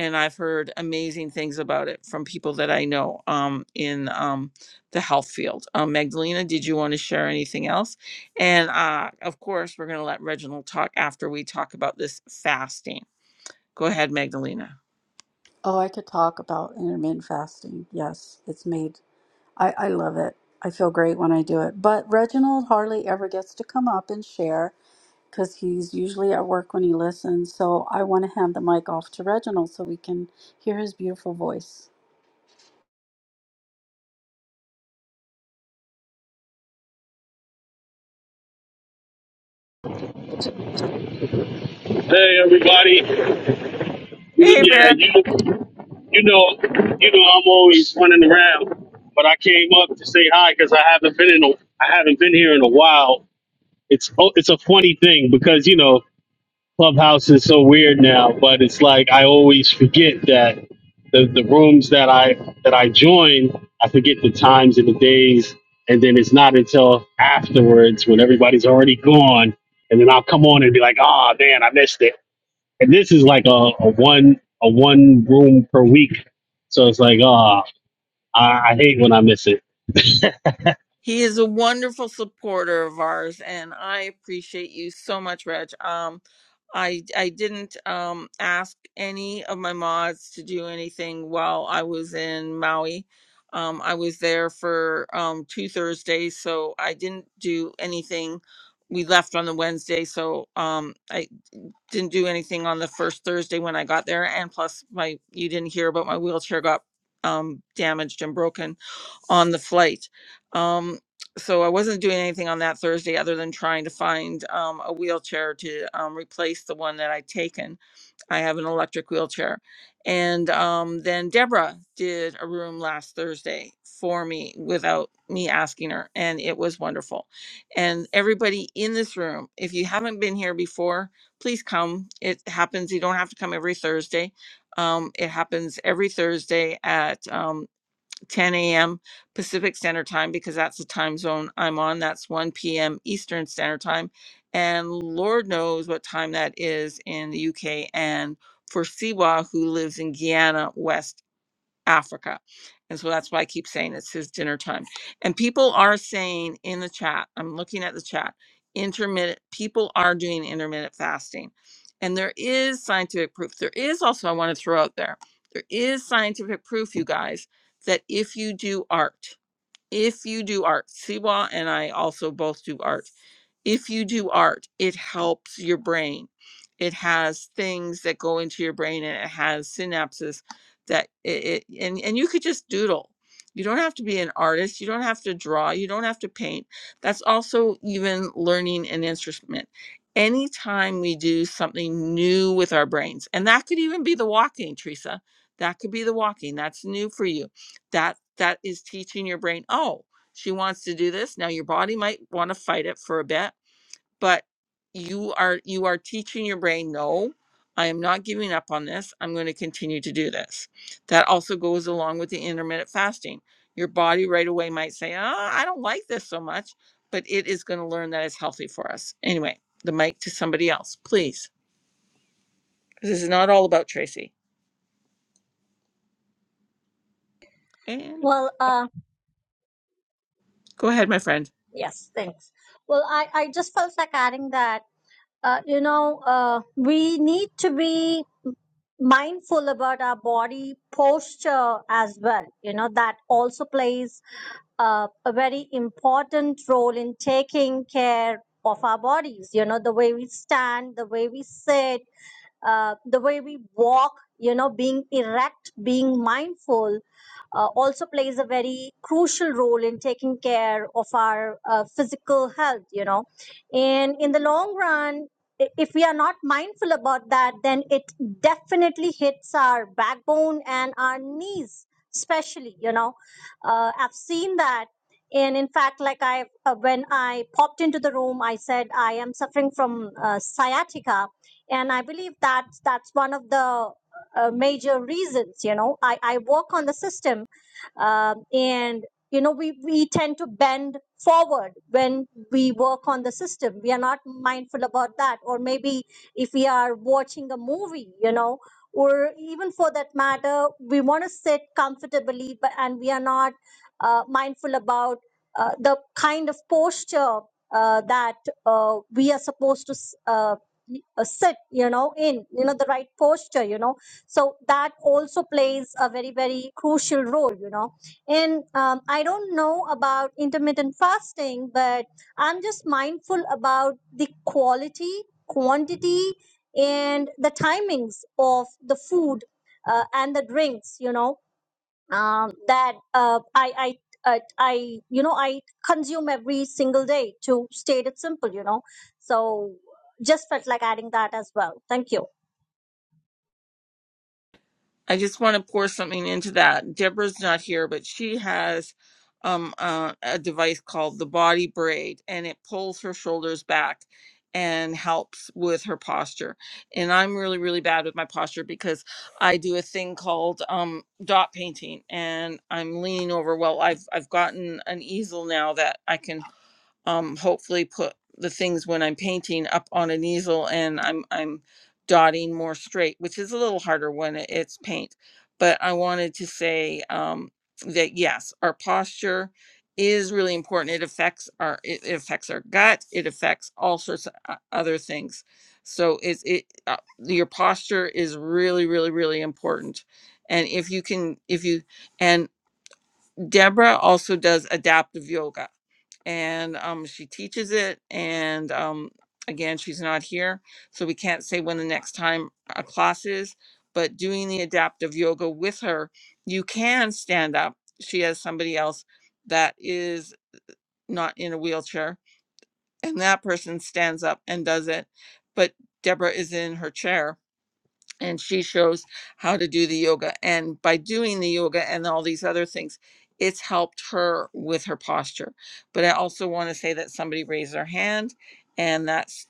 S1: And I've heard amazing things about it from people that I know um, in um, the health field. Um, Magdalena, did you want to share anything else? And uh, of course, we're going to let Reginald talk after we talk about this fasting. Go ahead, Magdalena.
S4: Oh, I could talk about intermittent fasting. Yes, it's made I, I love it. I feel great when I do it. But Reginald hardly ever gets to come up and share because he's usually at work when he listens. So I want to hand the mic off to Reginald so we can hear his beautiful voice.
S8: Hey everybody, you know,
S1: Hey,
S8: yeah,
S1: Bear.
S8: you you know, you know, I'm always running around, but I came up to say hi because I haven't been in a, I haven't been here in a while. It's oh, it's a funny thing because you know Clubhouse is so weird now, but it's like I always forget that the the rooms that I that I join, I forget the times and the days, and then it's not until afterwards when everybody's already gone, and then I'll come on and be like, oh man, I missed it and this is like a, a one a one room per week. So it's like, ah, I, I hate when I miss it.
S1: He is a wonderful supporter of ours, and I appreciate you so much, Reg. Um, I I didn't um, ask any of my mods to do anything while I was in Maui. Um, I was there for um, two Thursdays, so I didn't do anything. We left on the Wednesday, so um, I didn't do anything on the first Thursday when I got there. And plus, my you didn't hear, but my wheelchair got um, damaged and broken on the flight. Um, so I wasn't doing anything on that Thursday other than trying to find um, a wheelchair to um, replace the one that I'd taken. I have an electric wheelchair. And um, then Deborah did a room last Thursday for me without me asking her, and it was wonderful. And everybody in this room, if you haven't been here before, please come. It happens. You don't have to come every Thursday. Um, it happens every Thursday at um, 10 a.m. Pacific Standard Time because that's the time zone I'm on. That's 1 p.m. Eastern Standard Time. And Lord knows what time that is in the UK. And for Siwa, who lives in Guyana, West. Africa. And so that's why I keep saying it's his dinner time. And people are saying in the chat, I'm looking at the chat, intermittent, people are doing intermittent fasting. And there is scientific proof. There is also, I want to throw out there, there is scientific proof, you guys, that if you do art, if you do art, Siwa and I also both do art if you do art, it helps your brain. It has things that go into your brain and it has synapses that it, it and, and you could just doodle. You don't have to be an artist. You don't have to draw. You don't have to paint. That's also even learning an instrument. Anytime we do something new with our brains, and that could even be the walking, Teresa. That could be the walking. That's new for you. That that is teaching your brain, oh, she wants to do this. Now your body might want to fight it for a bit but you are you are teaching your brain no i am not giving up on this i'm going to continue to do this that also goes along with the intermittent fasting your body right away might say oh, i don't like this so much but it is going to learn that it's healthy for us anyway the mic to somebody else please. this is not all about tracy and
S6: Well, uh,
S1: go ahead my friend
S6: yes, thanks. Well, I, I just felt like adding that, uh, you know, uh, we need to be mindful about our body posture as well. You know, that also plays uh, a very important role in taking care of our bodies. You know, the way we stand, the way we sit, uh, the way we walk you know being erect being mindful uh, also plays a very crucial role in taking care of our uh, physical health you know and in the long run i- if we are not mindful about that then it definitely hits our backbone and our knees especially you know uh, i've seen that and in fact like i uh, when i popped into the room i said i am suffering from uh, sciatica and i believe that that's one of the uh, major reasons you know i i work on the system um, and you know we we tend to bend forward when we work on the system we are not mindful about that or maybe if we are watching a movie you know or even for that matter we want to sit comfortably but and we are not uh, mindful about uh, the kind of posture uh, that uh, we are supposed to s- uh, uh, sit you know in you know the right posture you know so that also plays a very very crucial role you know and um, i don't know about intermittent fasting but i'm just mindful about the quality quantity and the timings of the food uh, and the drinks you know um, that uh, I, I, I, I, you know, I consume every single day. To state it simple, you know, so just felt like adding that as well. Thank you.
S1: I just want to pour something into that. Deborah's not here, but she has um, uh, a device called the body braid, and it pulls her shoulders back and helps with her posture. And I'm really, really bad with my posture because I do a thing called um, dot painting, and I'm leaning over. Well, I've I've gotten an easel now that I can um hopefully put the things when I'm painting up on an easel and I'm I'm dotting more straight, which is a little harder when it- it's paint. But I wanted to say um that yes, our posture is really important. It affects our it, it affects our gut, it affects all sorts of o- other things. So it's it uh, your posture is really really really important. And if you can if you and Deborah also does adaptive yoga and um, she teaches it. And um, again, she's not here, so we can't say when the next time a class is. But doing the adaptive yoga with her, you can stand up. She has somebody else that is not in a wheelchair, and that person stands up and does it. But Deborah is in her chair, and she shows how to do the yoga and by doing the yoga and all these other things it's helped her with her posture but i also want to say that somebody raised their hand and that's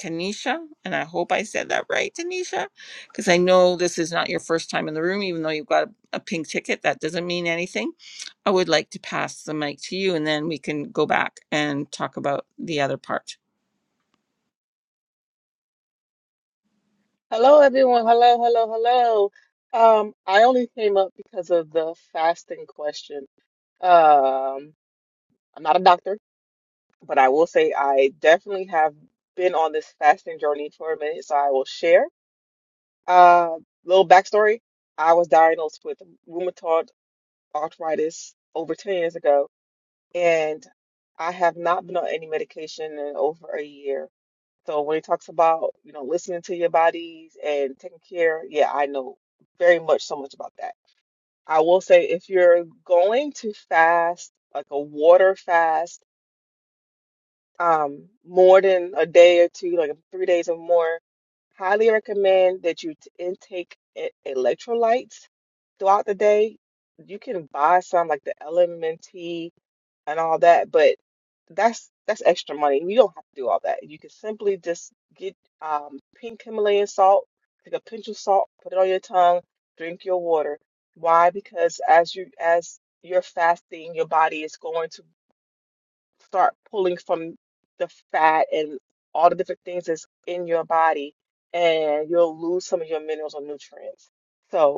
S1: tanisha and i hope i said that right tanisha because i know this is not your first time in the room even though you've got a, a pink ticket that doesn't mean anything i would like to pass the mic to you and then we can go back and talk about the other part
S9: Hello, everyone. Hello, hello, hello. Um, I only came up because of the fasting question. Um, I'm not a doctor, but I will say I definitely have been on this fasting journey for a minute, so I will share. Uh, little backstory. I was diagnosed with rheumatoid arthritis over 10 years ago, and I have not been on any medication in over a year. So when he talks about, you know, listening to your bodies and taking care, yeah, I know very much so much about that. I will say if you're going to fast, like a water fast, um, more than a day or two, like three days or more, highly recommend that you t- intake e- electrolytes throughout the day. You can buy some like the LMNT and all that, but that's that's extra money. You don't have to do all that. You can simply just get um, pink Himalayan salt, take a pinch of salt, put it on your tongue, drink your water. Why? Because as you as you're fasting, your body is going to start pulling from the fat and all the different things that's in your body, and you'll lose some of your minerals or nutrients. So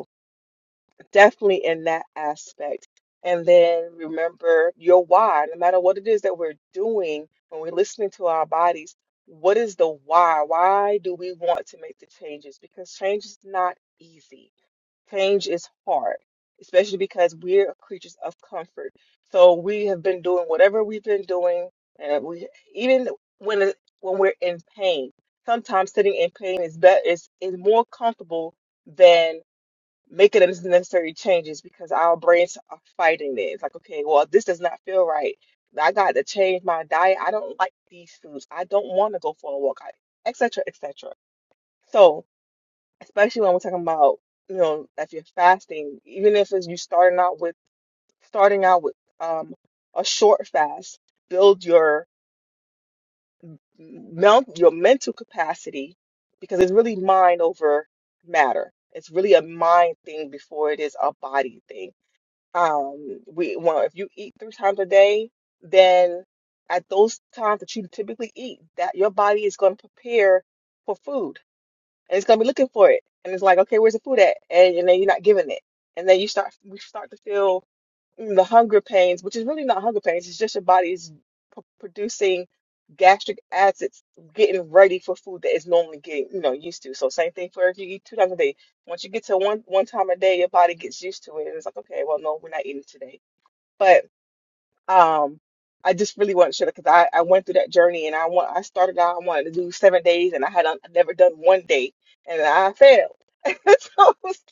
S9: definitely in that aspect. And then remember your why, no matter what it is that we're doing when we're listening to our bodies, what is the why? Why do we want to make the changes? Because change is not easy, change is hard, especially because we're creatures of comfort. So we have been doing whatever we've been doing, and we even when it- when we're in pain, sometimes sitting in pain is better is is more comfortable than making those necessary changes because our brains are fighting it. It's like, okay, well, this does not feel right. I got to change my diet. I don't like these foods. I don't want to go for a walk, I- et cetera, et cetera. So, especially when we're talking about, you know, if you're fasting, even if it's you starting out with starting out with um a short fast, build your mount your mental capacity because it's really mind over matter. It's really a mind thing before it is a body thing Um, we well, if you eat three times a day, then at those times that you typically eat, that your body is going to prepare for food and it's going to be looking for it. And it's like, okay, where's the food at? And, and then you're not giving it. And then you start, we start to feel mm, the hunger pains, which is really not hunger pains, it's just your body's p- producing gastric acids, getting ready for food that it's normally getting, you know, used to. So same thing for if you eat two times a day. Once you get to one one time a day, your body gets used to it, and it's like, okay, well, no, we're not eating today. But um, I just really wanted to share because I I went through that journey, and I want I started out I wanted to do seven days, and I had un- never done one day, and I failed. so it's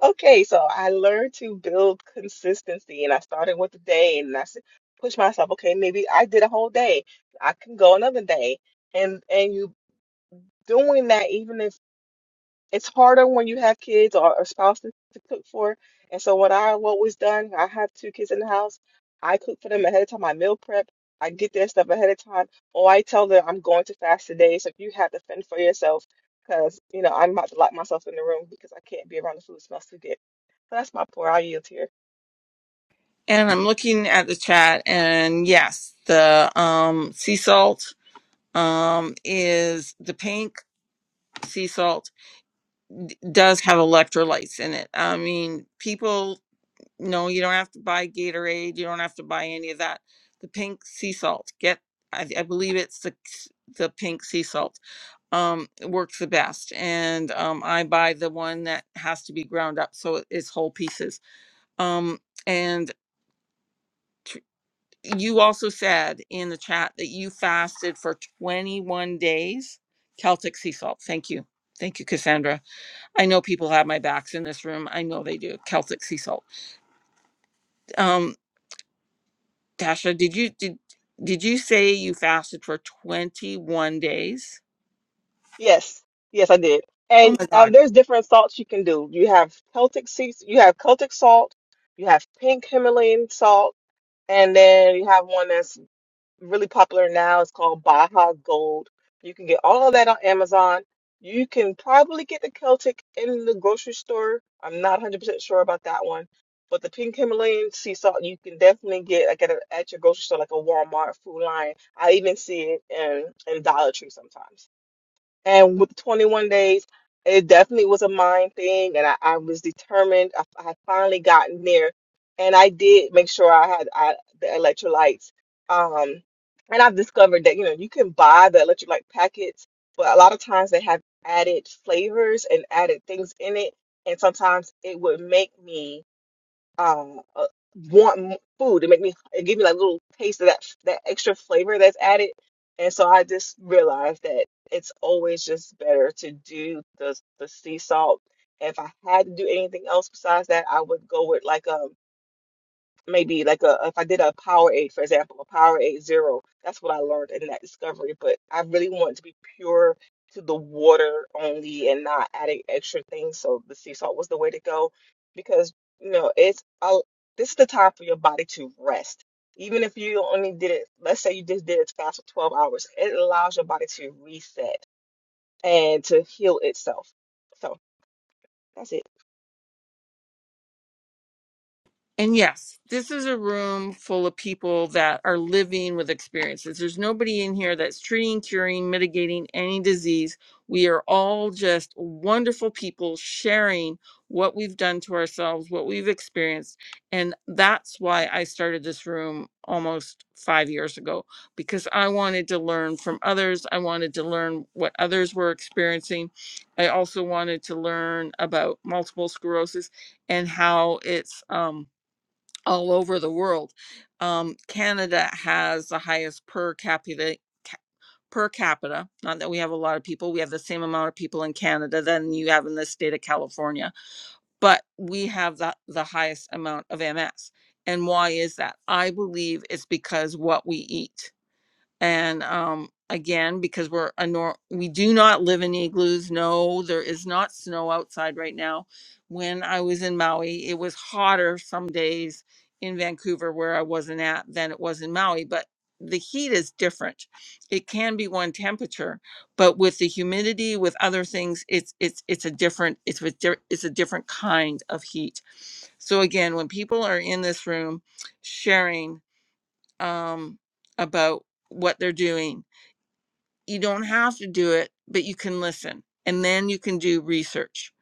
S9: Okay, so I learned to build consistency and I started with the day and I s- pushed myself, okay, maybe I did a whole day. I can go another day. And and you doing that even if it's harder when you have kids or, or spouses to cook for. And so what I have always done, I have two kids in the house. I cook for them ahead of time. I meal prep. I get their stuff ahead of time. Or I tell them I'm going to fast today, so you have to fend for yourself, because you know I'm about to lock myself in the room because I can't be around the food that smells too good. So that's my pour. I'll yield here.
S1: and i'm looking at the chat and yes the um sea salt um is the pink sea salt d- does have electrolytes in it i mean people no you don't have to buy gatorade you don't have to buy any of that the pink sea salt get i, I believe it's the the pink sea salt um it works the best and um i buy the one that has to be ground up so it- it's whole pieces um and you also said in the chat that you fasted for 21 days celtic sea salt thank you thank you cassandra i know people have my backs in this room i know they do celtic sea salt um tasha did you did did you say you fasted for 21 days
S9: Yes, yes, I did.
S1: oh
S9: And
S1: my god
S9: um, there's different salts you can do. You have Celtic sea, you have Celtic salt, you have pink Himalayan salt, and then you have one that's really popular now. It's called Baja Gold. You can get all of that on Amazon. You can probably get the Celtic in the grocery store. I'm not 100% sure about that one. But the pink Himalayan sea salt, you can definitely get like at, a, at your grocery store, like a Walmart, Food Lion. I even see it in, in Dollar Tree sometimes. And with 21 days, it definitely was a mind thing, and I, I was determined. I, I had finally gotten there, and I did make sure I had I, the electrolytes. Um, and I've discovered that you know you can buy the electrolyte packets, but a lot of times they have added flavors and added things in it, and sometimes it would make me uh, uh, want m- food. It make me it give me like little taste of that that extra flavor that's added. And so I just realized that it's always just better to do the the sea salt. If I had to do anything else besides that, I would go with like um maybe like a if I did a Powerade, for example, a Powerade Zero. That's what I learned in that discovery. But I really want to be pure to the water only and not adding extra things. So the sea salt was the way to go because you know it's i this is the time for your body to rest. Even if you only did it, let's say you just did it fast for 12 hours, it allows your body to reset and to heal itself. So that's it.
S1: And yes, this is a room full of people that are living with experiences. There's nobody in here that's treating, curing, mitigating any disease. We are all just wonderful people sharing what we've done to ourselves, what we've experienced. And that's why I started this room almost five years ago, because I wanted to learn from others. I wanted to learn what others were experiencing. I also wanted to learn about multiple sclerosis and how it's, um, all over the world. Um, Canada has the highest per capita ca- per capita. Not that we have a lot of people. We have the same amount of people in Canada than you have in the state of California, but we have the, the highest amount of MS. And why is that? I believe it's because what we eat and um again because we're a nor- we do not live in igloos no there is not snow outside right now when i was in maui it was hotter some days in vancouver where i wasn't at than it was in maui but the heat is different it can be one temperature but with the humidity with other things it's it's it's a different it's a di- it's a different kind of heat so again when people are in this room sharing um about what they're doing you don't have to do it, but you can listen, and then you can do research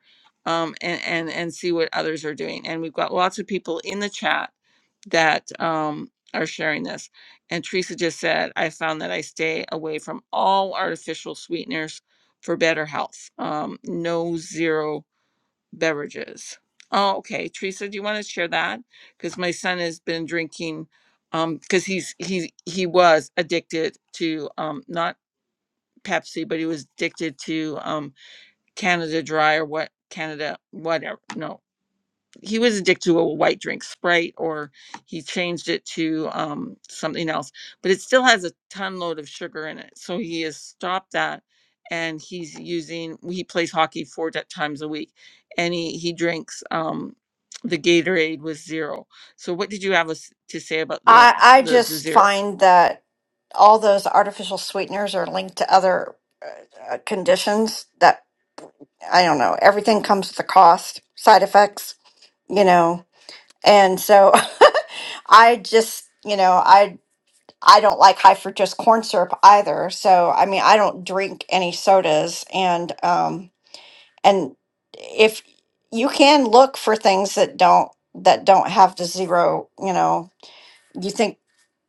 S1: um, and and and see what others are doing. And we've got lots of people in the chat that um, are sharing this. And Teresa just said, I found that I stay away from all artificial sweeteners for better health. Um, no zero beverages. Oh, okay. Teresa, do you want to share that? Because my son has been drinking um because he's he he was addicted to um not Pepsi, but he was addicted to um Canada Dry or what Canada whatever. No, he was addicted to a white drink, Sprite, or he changed it to um something else. But it still has a ton load of sugar in it, so he has stopped that, and he's using. He plays hockey four ti- times a week, and he he drinks um the Gatorade with zero. So what did you have us to say about the
S7: I I
S1: the, the
S7: just
S1: zero?
S7: find that all those artificial sweeteners are linked to other uh, uh, conditions that I don't know. Everything comes with a cost, side effects, you know. And so I just, you know, I I don't like high fructose corn syrup either. So I mean, I don't drink any sodas and um and if you can look for things that don't that don't have the zero, you know, you think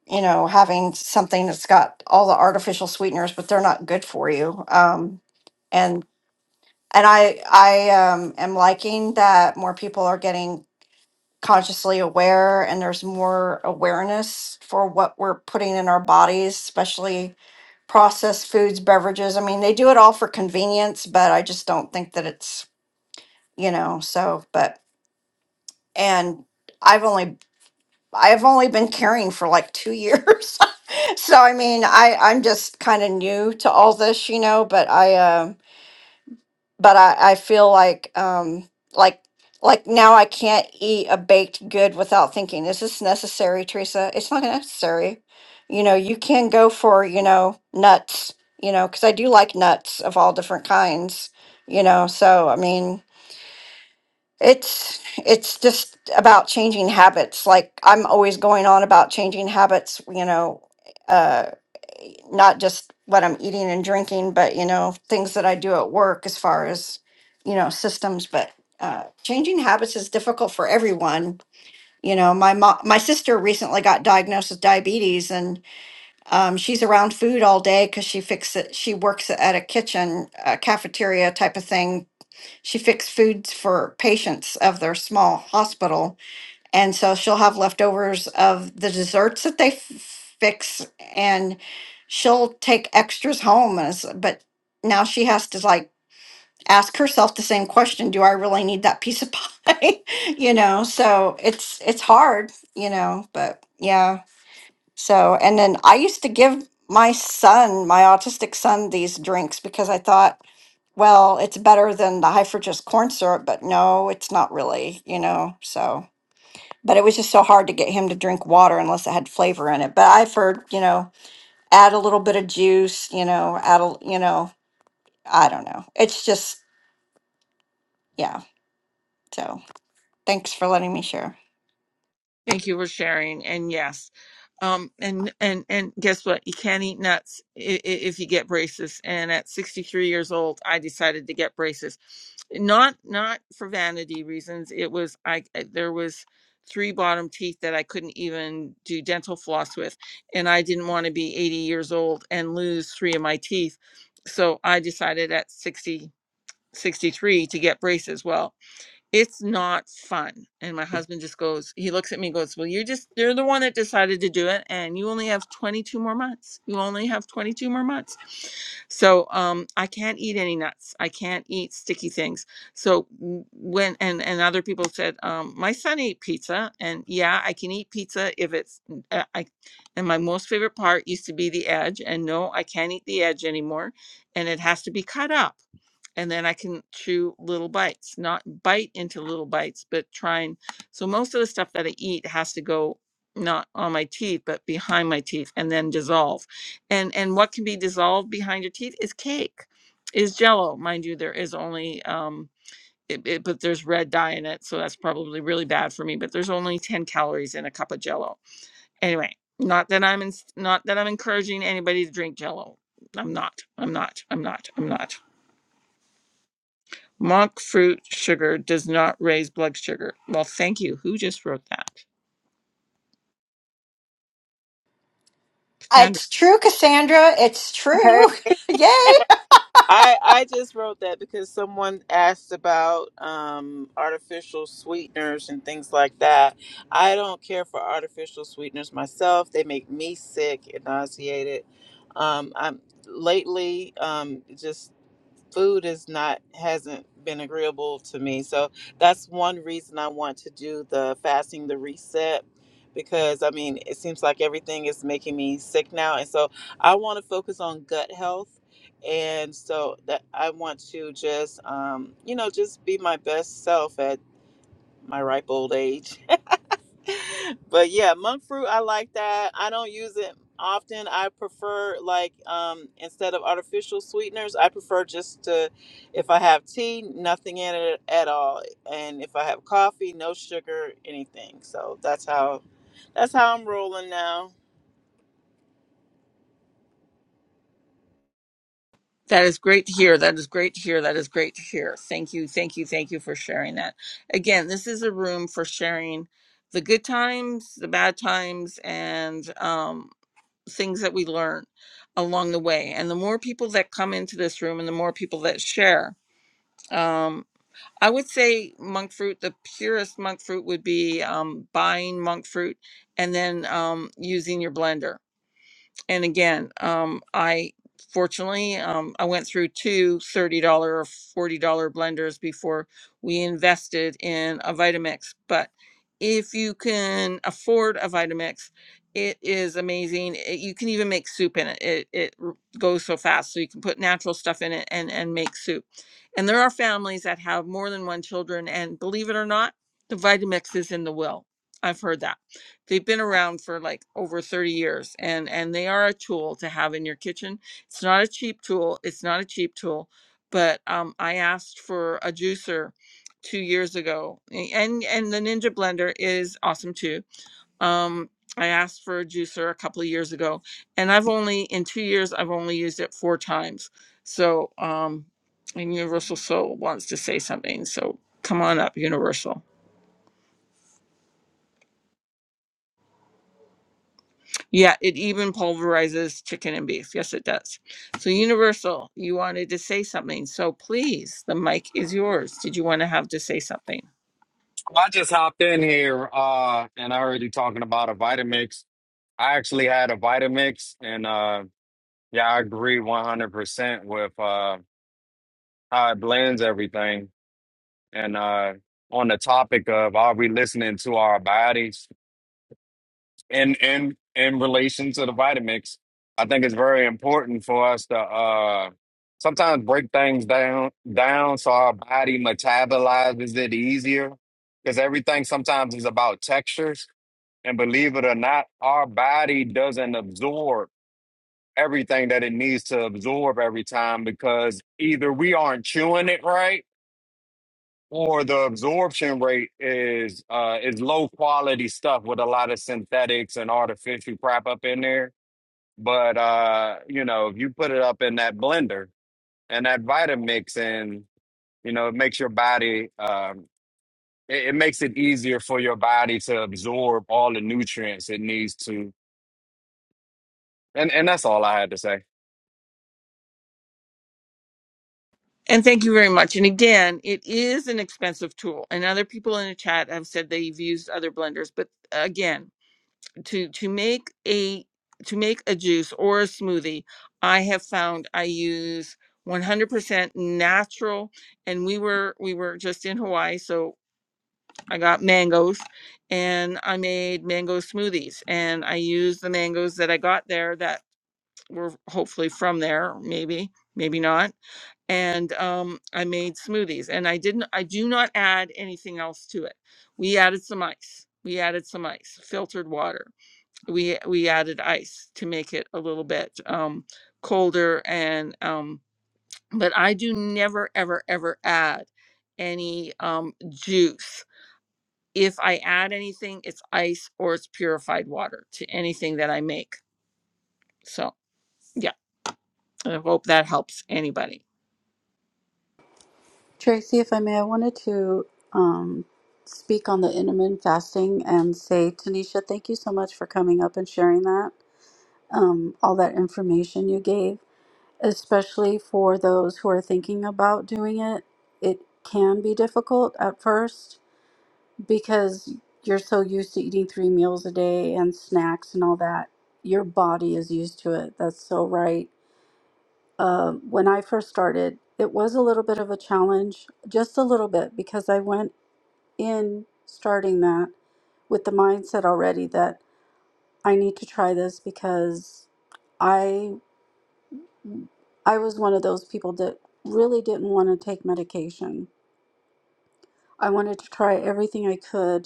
S7: you know, having something that's got all the artificial sweeteners, but they're not good for you. Um, and and I I um, am liking that more people are getting consciously aware, and there's more awareness for what we're putting in our bodies, especially processed foods, beverages. I mean, they do it all for convenience, but I just don't think that it's you know. So, but and I've only I've only been carrying for like two years. So I mean, I I'm just kind of new to all this, you know, but I um but I I feel like um like like now I can't eat a baked good without thinking, is this necessary, Teresa? It's not necessary. You know, you can go for, you know, nuts, you know, because I do like nuts of all different kinds, you know. So I mean, it's it's just about changing habits. Like I'm always going on about changing habits, you know, uh, not just what I'm eating and drinking, but you know, things that I do at work as far as, you know, systems. But uh, changing habits is difficult for everyone. You know, my mom, my sister recently got diagnosed with diabetes, and um, she's around food all day because she fixes it. She works at a kitchen, a cafeteria type of thing. She fixed foods for patients of their small hospital and so she'll have leftovers of the desserts that they f- fix and she'll take extras home. As, but now she has to like ask herself the same question, do I really need that piece of pie? you know, so it's it's hard, you know, but yeah. So and then I used to give my son, my autistic son these drinks because I thought well, it's better than the high fructose corn syrup, but no, it's not really, you know. So, but it was just so hard to get him to drink water unless it had flavor in it. But I've heard, you know, add a little bit of juice, you know, add a, you know, I don't know. It's just, yeah. So thanks for letting me share.
S1: Thank you for sharing. And yes, um, and and and guess what? You can't eat nuts i- if you get braces. And at 63 years old, I decided to get braces, not not for vanity reasons. It was I I- there was three bottom teeth that I couldn't even do dental floss with, and I didn't want to be 80 years old and lose three of my teeth. So I decided at 60 63 to get braces. Well, it's not fun. And my husband just goes, he looks at me and goes, Well, you're just, you're the one that decided to do it. And you only have 22 more months. You only have 22 more months. So um, I can't eat any nuts. I can't eat sticky things. So w- when, and, and other people said, um, My son ate pizza. And yeah, I can eat pizza if it's, uh, I, and my most favorite part used to be the edge. And no, I can't eat the edge anymore. And it has to be cut up and then I can chew little bites, not bite into little bites, but try and. So most of the stuff that I eat has to go not on my teeth, but behind my teeth, and then dissolve. And and what can be dissolved behind your teeth is cake, is Jello, mind you. There is only um, it, it, but there's red dye in it, so that's probably really bad for me. But there's only ten calories in a cup of Jello. Anyway, not that I'm in, not that I'm encouraging anybody to drink Jello. I'm not. I'm not. I'm not. I'm not. Monk fruit sugar does not raise blood sugar. Well, thank you. Who just wrote that? Sandra.
S7: It's true, Cassandra. It's true. Yay.
S5: I I just wrote that because someone asked about um, artificial sweeteners and things like that. I don't care for artificial sweeteners myself. They make me sick and nauseated. Um, I'm lately um, just food is not hasn't been agreeable to me. So that's one reason I want to do the fasting, the reset, because I mean it seems like everything is making me sick now, and so I want to focus on gut health, and so that I want to just um, you know just be my best self at my ripe old age but yeah, monk fruit, I like that. I don't use it often. I prefer like um instead of artificial sweeteners, I prefer just to if I have tea, nothing in it at all. And if I have coffee, no sugar, anything. So that's how that's how I'm rolling now.
S1: That is great to hear. That is great to hear. That is great to hear. Thank you. Thank you. Thank you for sharing that. Again, this is a room for sharing the good times, the bad times, and um, things that we learn along the way. And the more people that come into this room and the more people that share, um, I would say monk fruit. The purest monk fruit would be um, buying monk fruit and then um, using your blender and again, um, I fortunately um, I went through two dollars or $40 blenders before we invested in a Vitamix. But if you can afford a Vitamix, it is amazing. It- you can even make soup in it. It, it r- goes so fast, so you can put natural stuff in it and and make soup. And there are families that have more than one children, and believe it or not, the Vitamix is in the will. I've heard that they've been around for like over 30 years and and they are a tool to have in your kitchen it's not a cheap tool it's not a cheap tool but um, i asked for a juicer two years ago a- and and the ninja blender is awesome too um, i asked for a juicer a couple of years ago and i've only in two years i've only used it four times so um and universal soul wants to say something so come on up universal Yeah, it even pulverizes chicken and beef. Yes, it does. So, Universal, you wanted to say something. So, please, the mic is yours. Did you want to have to say something?
S10: I just hopped in here uh and I already talking about a Vitamix. I actually had a Vitamix and uh yeah, I agree 100% with uh how it blends everything and uh on the topic of are we listening to our bodies in in in relation to the Vitamix, I think it's very important for us to uh sometimes break things down down so our body metabolizes it easier because everything sometimes is about textures And believe it or not, our body doesn't absorb everything that it needs to absorb every time because either we aren't chewing it right or the absorption rate is uh is low quality stuff with a lot of synthetics and artificial crap up in there. But uh, you know, if you put it up in that blender and that Vitamix and you know, it makes your body um it, it makes it easier for your body to absorb all the nutrients it needs to and and that's all I had to say.
S1: And thank you very much. And again, it is an expensive tool. And other people in the chat have said they've used other blenders, but again, to to make a to make a juice or a smoothie, I have found I use 100% natural and we were we were just in Hawaii, so I got mangoes and I made mango smoothies and I used the mangoes that I got there that were hopefully from there, maybe, maybe not. And um, I made smoothies and I didn't, I do not add anything else to it. We added some ice. We added some ice, filtered water. We we added ice to make it a little bit um, colder and um, but I do never ever ever add any um, juice if I add anything, it's ice or it's purified water to anything that I make. So, yeah, I hope that helps anybody.
S4: Tracy, if I may, I wanted to um, speak on the intermittent fasting and say, Tanisha, thank you so much for coming up and sharing that, um, all that information you gave, especially for those who are thinking about doing it. It can be difficult at first because you're so used to eating three meals a day and snacks and all that your body is used to it that's so right uh, when i first started it was a little bit of a challenge just a little bit because i went in starting that with the mindset already that i need to try this because i i was one of those people that really didn't want to take medication i wanted to try everything i could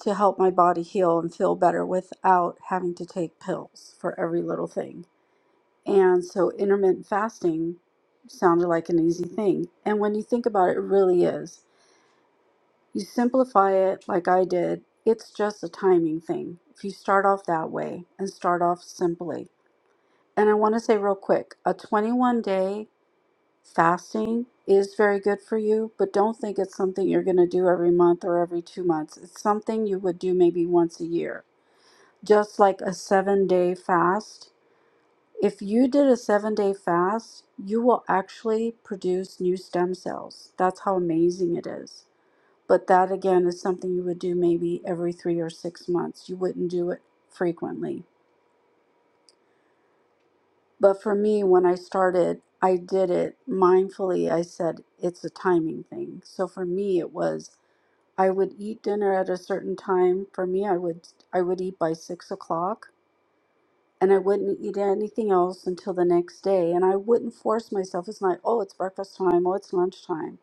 S4: to help my body heal and feel better without having to take pills for every little thing. And so intermittent fasting sounded like an easy thing. And when you think about it, it really is. You simplify it like I did, it's just a timing thing. If you start off that way and start off simply. And I want to say real quick a 21 day fasting is very good for you, but don't think it's something you're going to do every month or every two months. It's something you would do maybe once a year just like a seven day fast, if you did a seven day fast, you will actually produce new stem cells. That's how amazing it is. But that again is something you would do maybe every three or six months. You wouldn't do it frequently. But for me, when I started, I did it mindfully. I said it's a timing thing. So for me, it was I would eat dinner at a certain time. For me, I would I would eat by six o'clock and I wouldn't eat anything else until the next day. And I wouldn't force myself. It's not, oh, it's breakfast time, oh, it's lunchtime.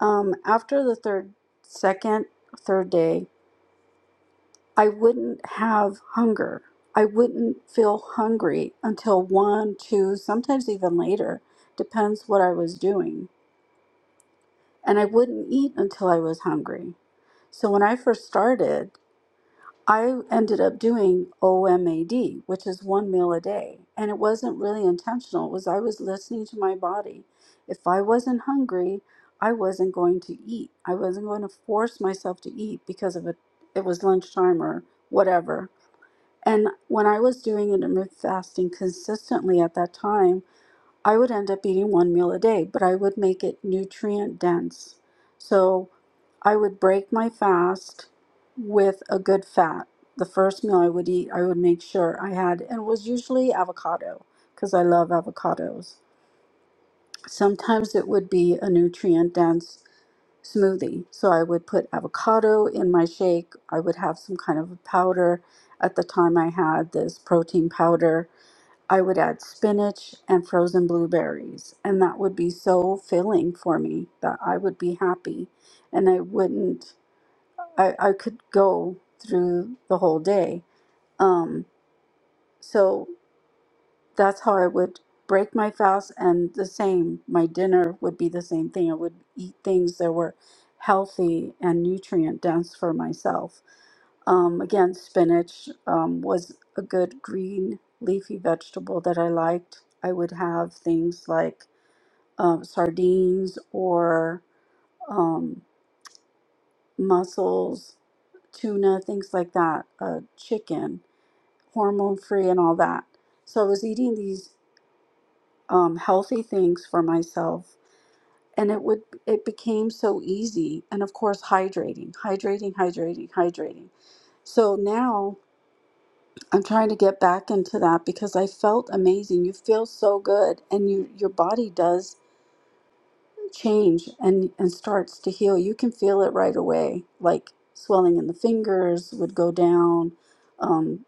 S4: Um, after the third, second, third day, I wouldn't have hunger. I wouldn't feel hungry until one, two, sometimes even later. Depends what I was doing. And I wouldn't eat until I was hungry. So when I first started, I ended up doing OMAD, which is one meal a day. And it wasn't really intentional. It was I was listening to my body. If I wasn't hungry, I wasn't going to eat. I wasn't going to force myself to eat because of it it was lunchtime or whatever. And when I was doing intermittent fasting consistently at that time, I would end up eating one meal a day, but I would make it nutrient dense. So I would break my fast with a good fat. The first meal I would eat, I would make sure I had, and it was usually avocado because I love avocados. Sometimes it would be a nutrient dense smoothie. So I would put avocado in my shake. I would have some kind of a powder. At the time, I had this protein powder I would add spinach and frozen blueberries, and that would be so filling for me that I would be happy and I wouldn't I, I could go through the whole day. Um, so that's how I would break my fast and the same my dinner would be the same thing I would eat things that were healthy and nutrient dense for myself um, again spinach um, was a good green leafy vegetable that I liked I would have things like um, sardines or um, mussels tuna, things like that, uh, chicken, hormone free, and all that. So I was eating these um, healthy things for myself and it would it became so easy and of course hydrating hydrating hydrating hydrating so now i'm trying to get back into that because i felt amazing you feel so good and you your body does change and and starts to heal you can feel it right away like swelling in the fingers would go down um,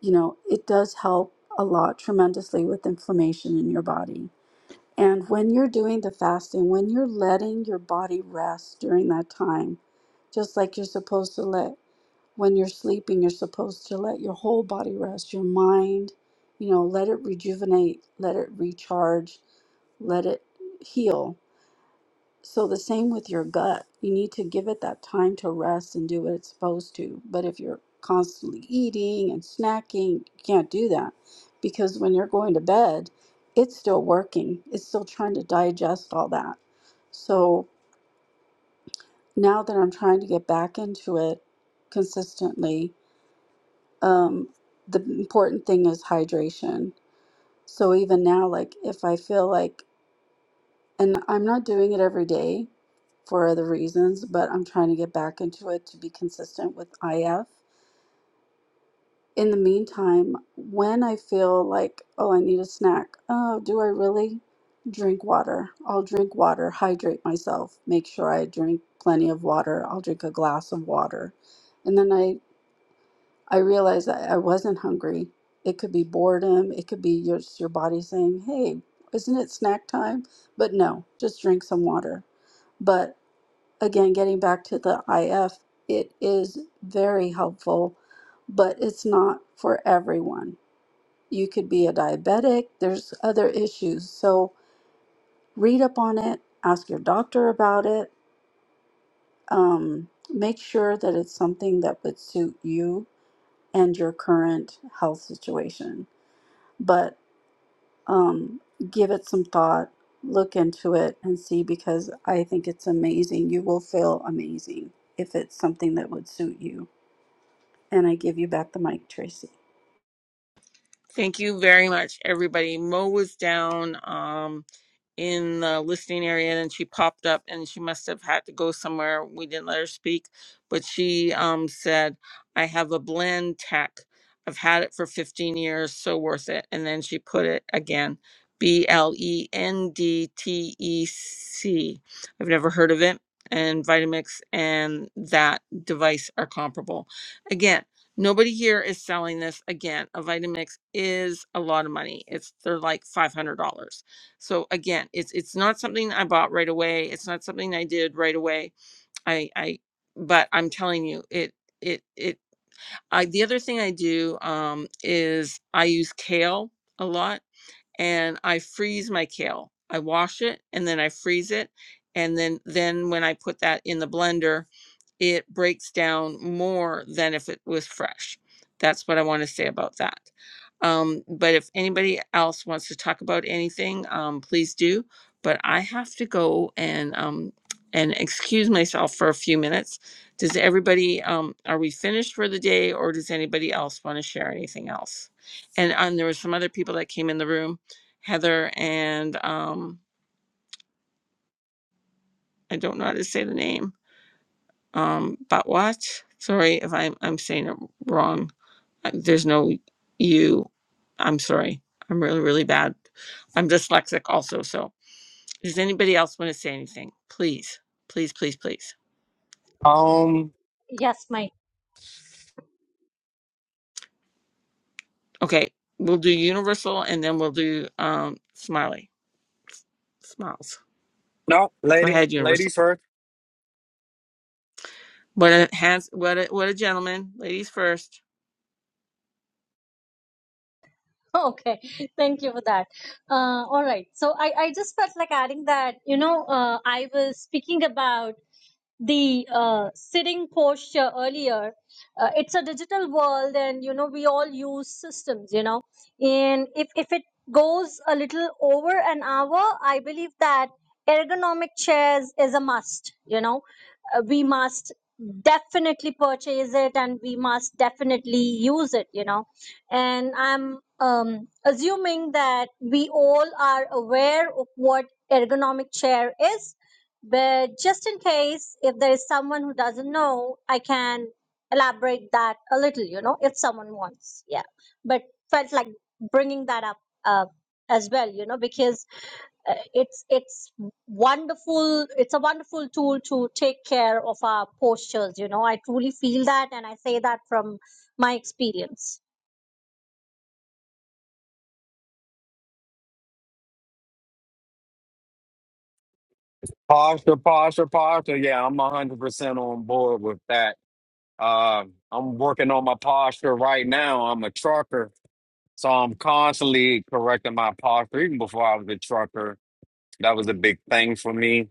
S4: you know it does help a lot tremendously with inflammation in your body And when you're doing the fasting, when you're letting your body rest during that time, just like you're supposed to let when you're sleeping, you're supposed to let your whole body rest, your mind, you know, let it rejuvenate, let it recharge, let it heal so the same with your gut. You need to give it that time to rest and do what it's supposed to. But if you're constantly eating and snacking, you can't do that because when you're going to bed, it's still working. It's still trying to digest all that. So now that I'm trying to get back into it consistently, um, the important thing is hydration. So even now, like if I feel like And I'm not doing it every day for other reasons, but I'm trying to get back into it to be consistent with IF. In the meantime, when I feel like, oh, I need a snack, oh, do I really? Drink water. I'll drink water, hydrate myself, make sure I drink plenty of water. I'll drink a glass of water. And then I I realized that I wasn't hungry. It could be boredom. It could be just your body saying, hey, isn't it snack time? But no, just drink some water. But again, getting back to the IF, it is very helpful, but it's not for everyone. You could be a diabetic, there's other issues. So read up on it, ask your doctor about it, um, make sure that it's something that would suit you and your current health situation but um, give it some thought, look into it, and see because I think it's amazing. You will feel amazing if it's something that would suit you. And I give you back the mic, Tracy.
S1: Thank you very much, everybody. Mo was down. Um, in the listening area and she popped up and she must have had to go somewhere we didn't let her speak but she um said i have a blend tech i've had it for 15 years so worth it and then she put it again b l e n d t e c i've never heard of it and vitamix and that device are comparable again nobody here is selling this again a vitamix is a lot of money it's they're like $500 so again, it's it's not something I bought right away. It's not something I did right away. I I but I'm telling you, it it it I the other thing I do um is I use kale a lot and I freeze my kale. I wash it and then I freeze it and then then when I put that in the blender it breaks down more than if it was fresh. That's what I want to say about that. Um, but if anybody else wants to talk about anything, um, please do. But I have to go and um, and excuse myself for a few minutes. Does everybody? Um, are we finished for the day, or does anybody else want to share anything else? And um, there were some other people that came in the room, Heather and um, I don't know how to say the name um, Batwatch. Sorry if I'm I'm saying it wrong. Uh, There's no you. I'm sorry. I'm really really bad. I'm dyslexic also. So does anybody else want to say anything? Please, please, please, please.
S10: Um,
S6: Yes, my
S1: Okay, we'll do Universal and then we'll do um, Smiley Smiles.
S10: no,
S1: Go
S10: lady,
S1: ahead, Universal.
S10: ladies first.
S1: What a hands. What a what a gentleman. Ladies first.
S6: okay. Thank you for that. Uh, all right. So I, I just felt like adding that. You know, uh, I was speaking about. the uh, sitting posture earlier uh, it's a digital world and you know we all use systems you know and if if it goes a little over an hour i believe that ergonomic chairs is a must you know uh, we must definitely purchase it and we must definitely use it you know and i'm um, assuming that we all are aware of what ergonomic chair is but just in case, if there is someone who doesn't know, I can elaborate that a little, you know, if someone wants. Yeah. But felt like bringing that up uh, as well, you know, because uh, it's it's wonderful it's a wonderful tool to take care of our postures you know i truly feel that and i say that from my experience
S10: Posture, posture, posture. Yeah, I'm 100% on board with that. Uh, I'm working on my posture right now. I'm a trucker, so I'm constantly correcting my posture. Even before I was a trucker, that was a big thing for me.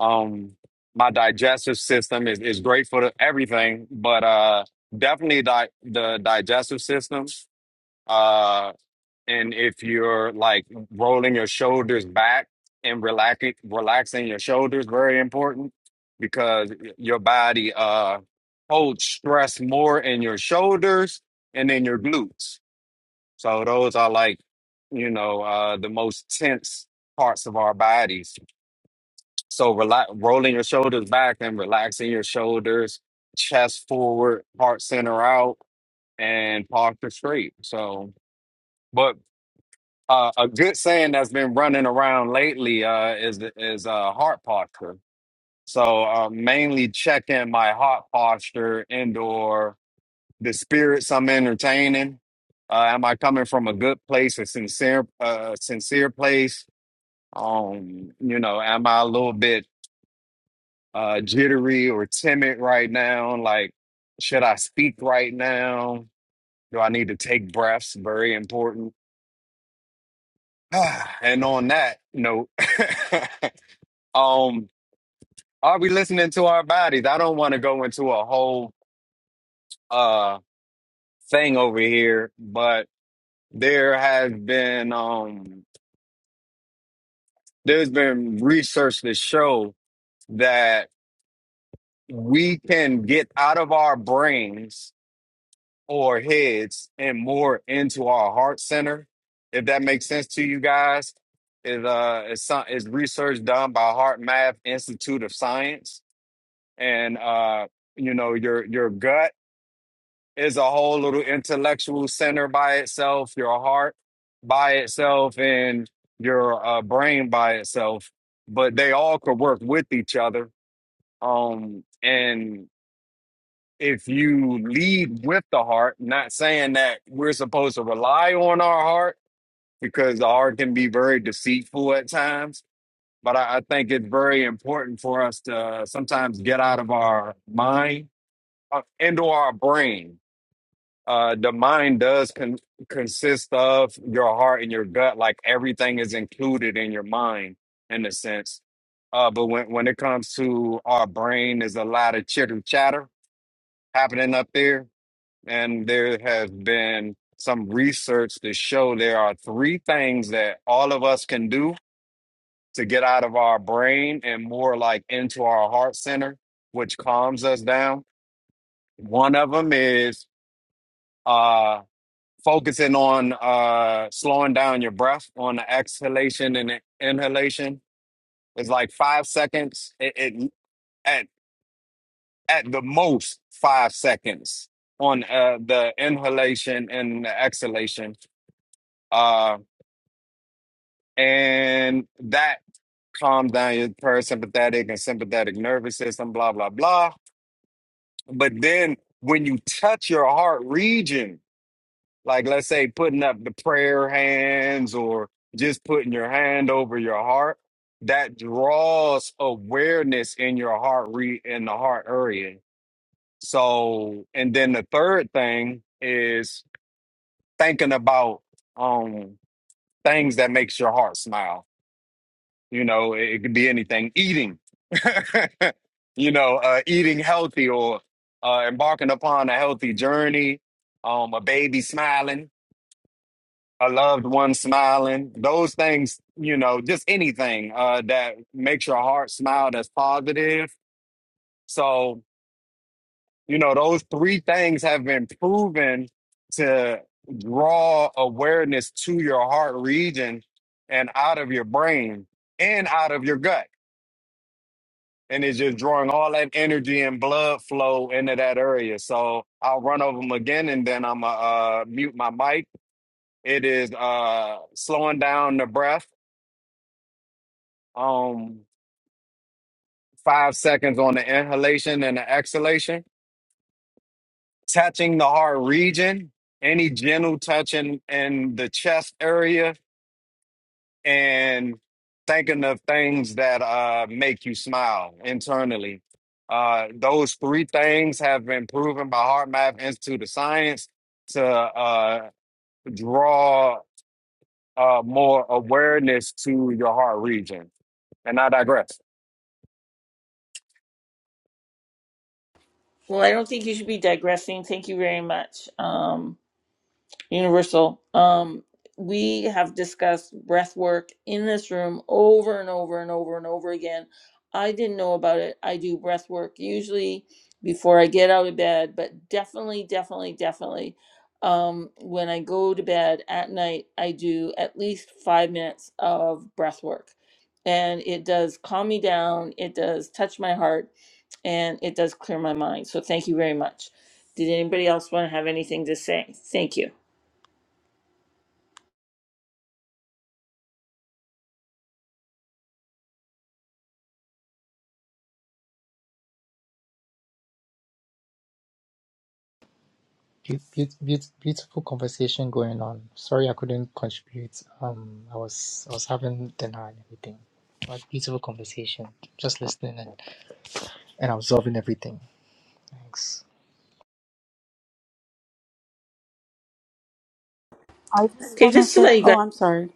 S10: Um, my digestive system is, is great for the, everything, but uh, definitely di- the digestive system. uh, And if you're like rolling your shoulders back and relaxing, relaxing your shoulders, very important because your body uh holds stress more in your shoulders and in your glutes. So those are like, you know, uh the most tense parts of our bodies. So relax, rolling your shoulders back and relaxing your shoulders, chest forward, heart center out, and posture straight. So. but. Uh, a good saying that's been running around lately uh, is is uh, heart posture. So uh, mainly checking my heart posture indoor, the spirits I'm entertaining. Uh, am I coming from a good place, a sincere, uh, sincere place? Um, you know, am I a little bit uh, jittery or timid right now? Like, should I speak right now? Do I need to take breaths? Very important. and on that note. Um, are we listening to our bodies? I don't want to go into a whole uh thing over here, but there has been um there's been research to show that we can get out of our brains or heads and more into our heart center. If that makes sense to you guys, is uh is some is research done by Heart Math Institute of Science and uh you know your your gut is a whole little intellectual center by itself, your heart by itself, and your uh, brain by itself. But they all could work with each other. Um, and if you lead with the heart, not saying that we're supposed to rely on our heart because the heart can be very deceitful at times. But I, I think it's very important for us to sometimes get out of our mind uh, into our brain uh the mind does con- consist of your heart and your gut like everything is included in your mind in a sense uh but when when it comes to our brain there's a lot of chitter chatter happening up there and there has been some research to show there are three things that all of us can do to get out of our brain and more like into our heart center which calms us down one of them is uh, focusing on uh slowing down your breath on the exhalation and the inhalation is like five seconds it, it at at the most five seconds on uh the inhalation and the exhalation uh and that calms down your parasympathetic and sympathetic nervous system blah blah blah but then when you touch your heart region Like, let's say putting up the prayer hands or just putting your hand over your heart, that draws awareness in your heart, re- in the heart area. So, and then the third thing is thinking about um things that makes your heart smile. You know, it, it could be anything. Eating, you know, uh, eating healthy or uh, embarking upon a healthy journey. Um, a baby smiling a loved one smiling, those things, you know, just anything uh, that makes your heart smile that's positive. So, you know, those three things have been proven to draw awareness to your heart region and out of your brain and out of your gut. And it's just drawing all that energy and blood flow into that area. So I'll run over them again and then I'm going to uh, mute my mic. It is uh, slowing down the breath. Um, five seconds on the inhalation and the exhalation, touching the heart region, any gentle touching in the chest area, and thinking of things that uh, make you smile internally. Uh, those three things have been proven by HeartMath Institute of Science to uh, draw uh, more awareness to your heart region. And I digress.
S1: Well, I don't think you should be digressing. Thank you very much. Um, Universal. Um, we have discussed breath work in this room over and over and over and over again. I didn't know about it. I do breath work usually before I get out of bed, but definitely, definitely, definitely. Um, when I go to bed at night, I do at least five minutes of breath work. And it does calm me down, it does touch my heart, and it does clear my mind. So thank you very much. Did anybody else want to have anything to say? Thank you.
S3: Beau- beau- beau- Beautiful conversation going on. Sorry I couldn't contribute. Um, I was I was having dinner and everything. But beautiful conversation. Just listening and, and absorbing everything. Thanks.
S4: I just
S1: Okay,
S4: want to
S1: just to
S4: say,
S1: let you guys
S4: oh, I'm sorry.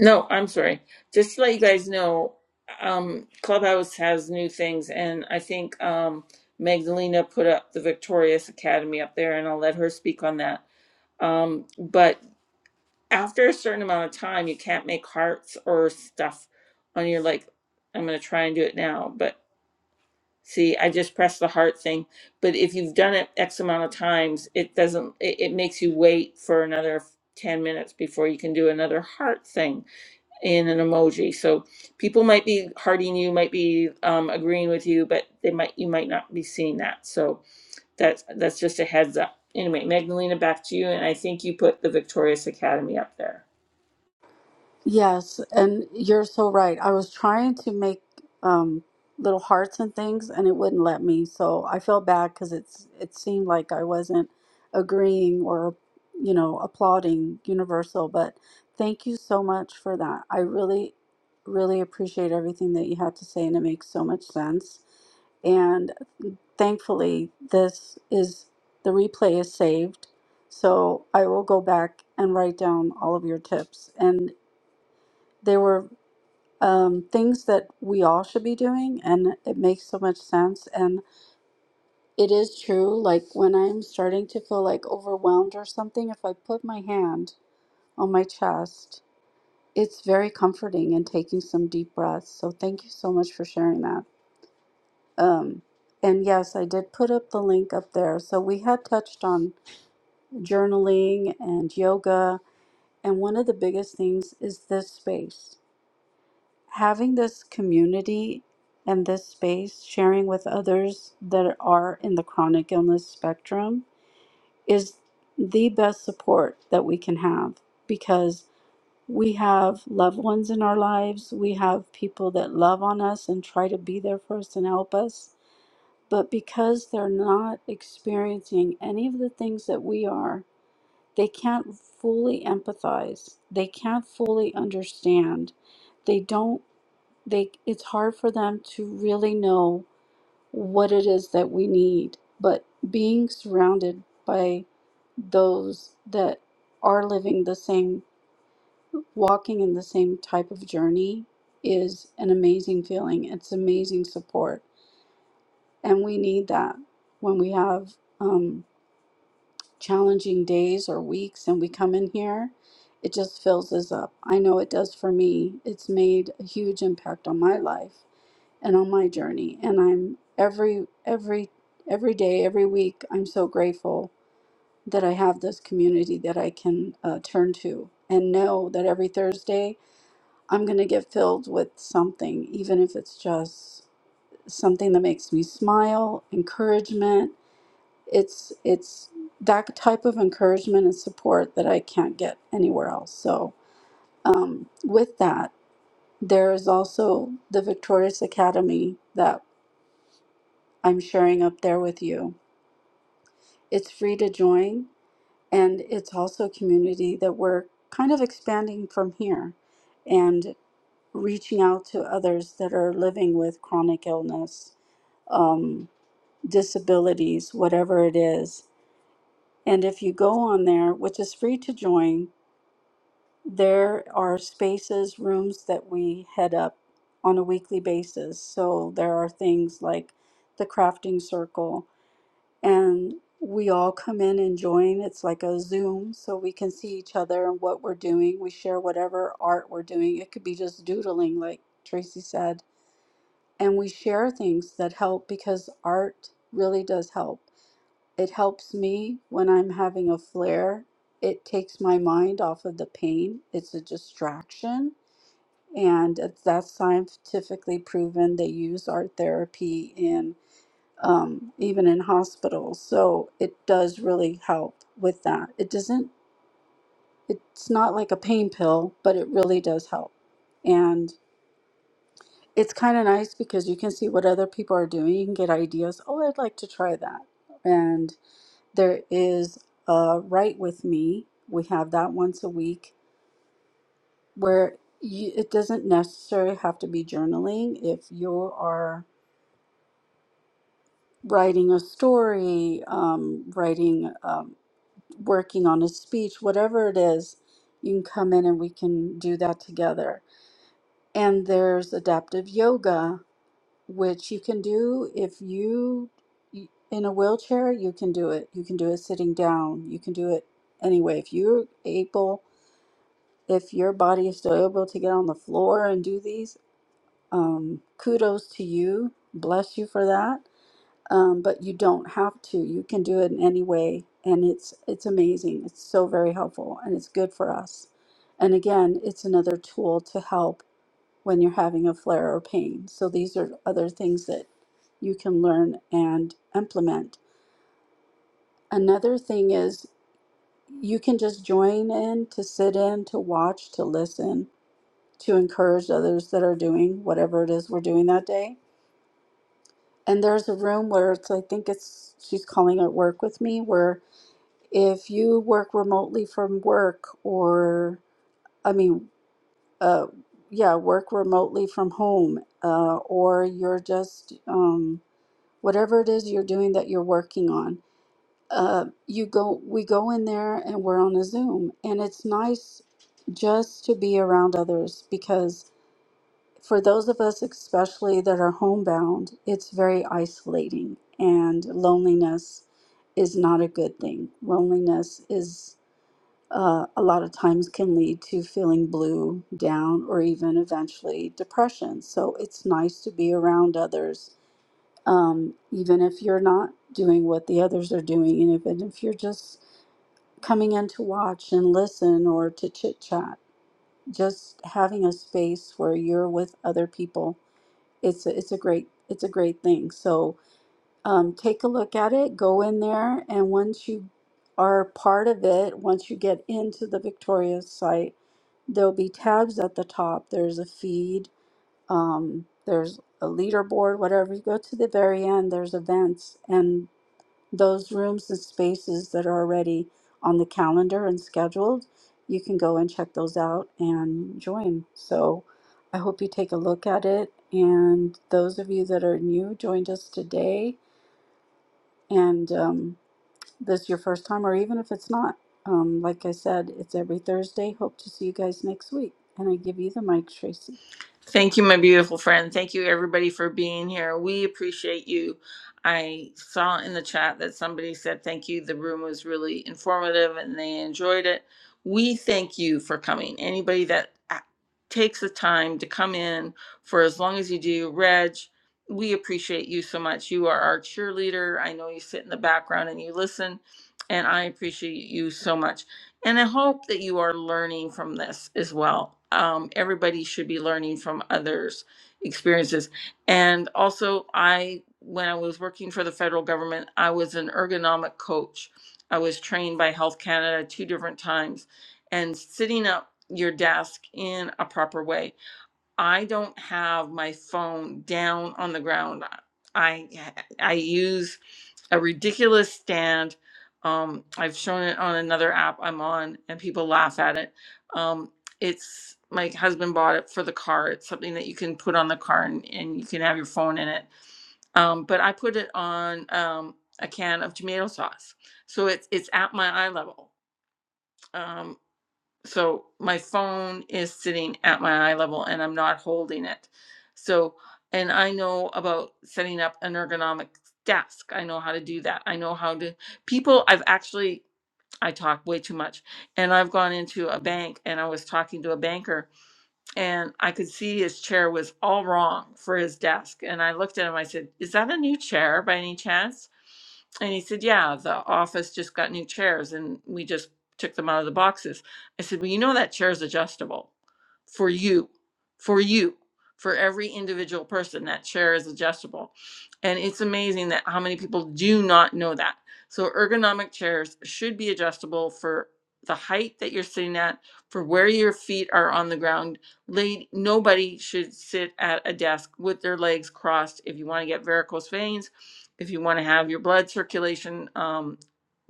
S1: no, I'm sorry. Just to let you guys know, um, Clubhouse has new things, and I think um, Magdalena put up the Victorious Academy up there, and I'll let her speak on that. Um, but after a certain amount of time, you can't make hearts or stuff on your like. I'm gonna try and do it now, but see, I just pressed the heart thing. But if you've done it X amount of times, it doesn't. It, it makes you wait for another ten minutes before you can do another heart thing. in an emoji. So people might be hearting you, might be um, agreeing with you, but they might you might not be seeing that. So that's that's just a heads up. Anyway, Magdalena, back to you, and I think you put the Victorious Academy up there.
S4: Yes, and you're so right. I was trying to make um, little hearts and things, and it wouldn't let me. So I felt bad because it's it seemed like I wasn't agreeing or, you know, applauding Universal. But thank you so much for that. I really, really appreciate everything that you had to say, and it makes so much sense. And thankfully, this is the replay is saved. So I will go back and write down all of your tips. and. There were um, things that we all should be doing, and it makes so much sense. And it is true, like when I'm starting to feel like overwhelmed or something, if I put my hand on my chest, it's very comforting and taking some deep breaths. So thank you so much for sharing that. Um, and yes, I did put up the link up there. So we had touched on journaling and yoga, and one of the biggest things is this space having this community and this space, sharing with others that are in the chronic illness spectrum, is the best support that we can have because we have loved ones in our lives, we have people that love on us and try to be there for us and help us. But because they're not experiencing any of the things that we are, they can't fully empathize. They can't fully understand. They don't they it's hard for them to really know what it is that we need but being surrounded by those that are living the same walking in the same type of journey is an amazing feeling it's amazing support and we need that when we have um, challenging days or weeks and we come in here it just fills us up i know it does for me it's made a huge impact on my life and on my journey and i'm every every every day every week i'm so grateful that i have this community that i can uh, turn to and know that every thursday i'm going to get filled with something even if it's just something that makes me smile encouragement it's it's that type of encouragement and support that i can't get anywhere else so um, with that there is also the victorious academy that I'm sharing up there with you. It's free to join, and it's also a community that we're kind of expanding from here and reaching out to others that are living with chronic illness, um, disabilities, whatever it is. And if you go on there, which is free to join, there are spaces, rooms that we head up on a weekly basis. So there are things like the crafting circle, and we all come in and join. It's like a Zoom, so we can see each other and what we're doing. We share whatever art we're doing. It could be just doodling, like Tracy said. And we share things that help because art really does help. It helps me when I'm having a flare. It takes my mind off of the pain. It's a distraction. And it's- that's scientifically proven. They use art therapy in um, even in hospitals. So it does really help with that. It doesn't, it's not like a pain pill, but it really does help. And it's kind of nice because you can see what other people are doing. You can get ideas. Oh, I'd like to try that. And there is a Write With Me. We have that once a week where you, it doesn't necessarily have to be journaling. If you are writing a story, um, writing. um, working on a speech, whatever it is, you can come in and we can do that together. And there's adaptive yoga, which you can do if you in a wheelchair, you can do it. You can do it sitting down. You can do it anyway. If you're able, if your body is still able to get on the floor and do these, um, kudos to you. Bless you for that um, but you don't have to. You can do it in any way, and it's it's amazing. It's so very helpful, and it's good for us. And again, it's another tool to help when you're having a flare or pain. So these are other things that you can learn and implement. Another thing is you can just join in to sit in, to watch, to listen, to encourage others that are doing whatever it is we're doing that day. And there's a room where it's I think it's she's calling it work with me where If you work remotely from work or, I mean, uh, yeah, work remotely from home, uh, or you're just um, whatever it is you're doing that you're working on, uh, you go, we go in there and we're on a Zoom, and it's nice just to be around others because for those of us especially that are homebound, it's very isolating and loneliness is not a good thing. Loneliness is uh, a lot of times can lead to feeling blue, down, or even eventually depression. So it's nice to be around others, um, even if you're not doing what the others are doing, and even if you're just coming in to watch and listen or to chit chat. Just having a space where you're with other people, it's a, it's a great it's a great thing. So um, take a look at it, go in there, and once you are part of it, once you get into the Victoria site, there'll be tabs at the top. There's a feed, um, there's a leaderboard, whatever. You go to the very end, there's events and those rooms and spaces that are already on the calendar and scheduled. You can go and check those out and join. So I hope you take a look at it. And those of you that are new joined us today, and um, this is your first time, or even if it's not, um, like I said, it's every Thursday. Hope to see you guys next week. And I give you the mic, Tracy.
S1: Thank you, my beautiful friend. Thank you, everybody, for being here. We appreciate you. I saw in the chat that somebody said thank you. The room was really informative and they enjoyed it. We thank you for coming. Anybody that a- takes the time to come in for as long as you do, Reg, we appreciate you so much. You are our cheerleader. I know you sit in the background and you listen, and I appreciate you so much. And I hope that you are learning from this as well. Um, everybody should be learning from others' experiences. And also, I, when I was working for the federal government, I was an ergonomic coach. I was trained by Health Canada two different times. And sitting up your desk in a proper way I don't have my phone down on the ground. I I use a ridiculous stand. Um, I've shown it on another app I'm on, and people laugh at it. Um, it's my husband bought it for the car. It's something that you can put on the car and, and you can have your phone in it. Um, but I put it on um, a can of tomato sauce, so it's it's at my eye level. Um, so my phone is sitting at my eye level and I'm not holding it. So, and I know about setting up an ergonomic desk. I know how to do that. I know how to, people, I've actually, I talk way too much. And I've gone into a bank and I was talking to a banker and I could see his chair was all wrong for his desk. And I looked at him, I said, Is that a new chair by any chance? And he said, Yeah, the office just got new chairs and we just took them out of the boxes. I said, Well, you know that chair is adjustable for you, for you, for every individual person. That chair is adjustable. And it's amazing that how many people do not know that. So, ergonomic chairs should be adjustable for the height that you're sitting at, for where your feet are on the ground Lady, nobody should sit at a desk with their legs crossed. If you want to get varicose veins, if you want to have your blood circulation um,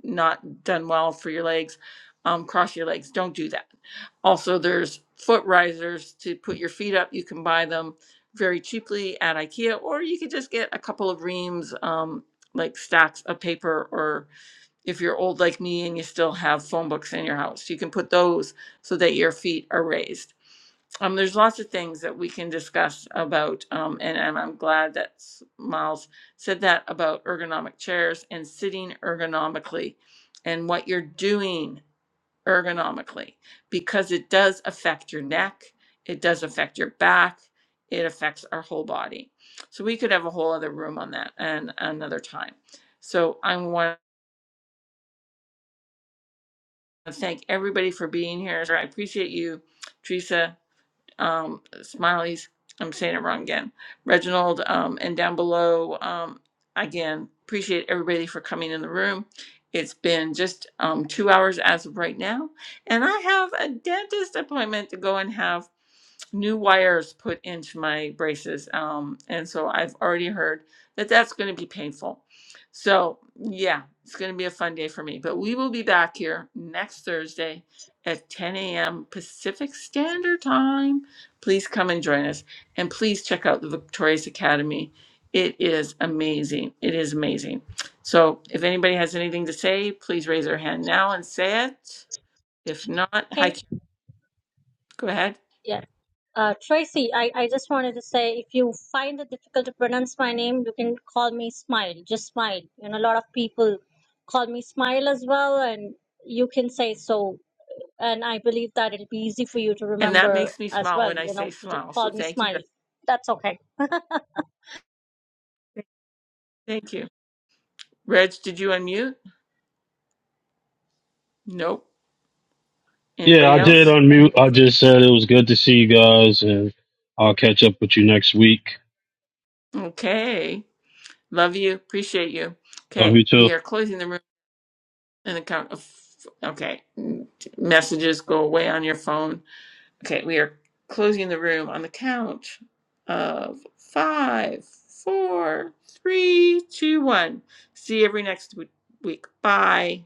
S1: not done well for your legs, um, cross your legs. Don't do that. Also, there's foot risers to put your feet up. You can buy them very cheaply at IKEA, or you could just get a couple of reams, um, like stacks of paper, or if you're old like me and you still have phone books in your house, you can put those so that your feet are raised um, there's lots of things that we can discuss about, um, and, and I'm glad that S- Miles said that about ergonomic chairs and sitting ergonomically and what you're doing ergonomically because it does affect your neck, it does affect your back, it affects our whole body. So we could have a whole other room on that and another time. So I want to thank everybody for being here. I appreciate you, Teresa. um, Smiley's, I'm saying it wrong again, Reginald, um, and down below, um, again, appreciate everybody for coming in the room. It's been just um, two hours as of right now, and I have a dentist appointment to go and have new wires put into my braces. Um, and so I've already heard that that's going to be painful. So, yeah, it's going to be a fun day for me. But we will be back here next Thursday at 10 a.m. Pacific Standard Time. Please come and join us. And please check out the Victorious Academy. It is amazing. It is amazing. So, if anybody has anything to say, please raise their hand now and say it. If not, hi, Karen.
S6: okay
S1: go ahead.
S6: Yeah. Uh, Tracy, I, I just wanted to say if you find it difficult to pronounce my name, you can call me Smile, just Smile. You know, a lot of people call me Smile as well, and you can say so. And I believe that it'll be easy for you to
S1: And that
S6: remember
S1: makes me
S6: as
S1: smile
S6: well,
S1: when I
S6: you know.
S1: say
S6: So just
S1: smile. So
S6: call me
S1: thank you.
S6: Smile. That's okay.
S1: Reg. Thank you. Reg, did you unmute? Nope.
S8: Yeah, I
S1: Anybody
S8: did
S1: else?
S8: unmute. I just said it was good to see you guys, and I'll catch up with you next week.
S1: Okay. Love you. Appreciate you.
S8: Love
S1: Okay.
S8: you too.
S1: We are closing the room in the count of. Okay. Messages go away on your phone. Okay. We are closing the room on the count of five, four, three, two, one. See you every next w- week. Bye.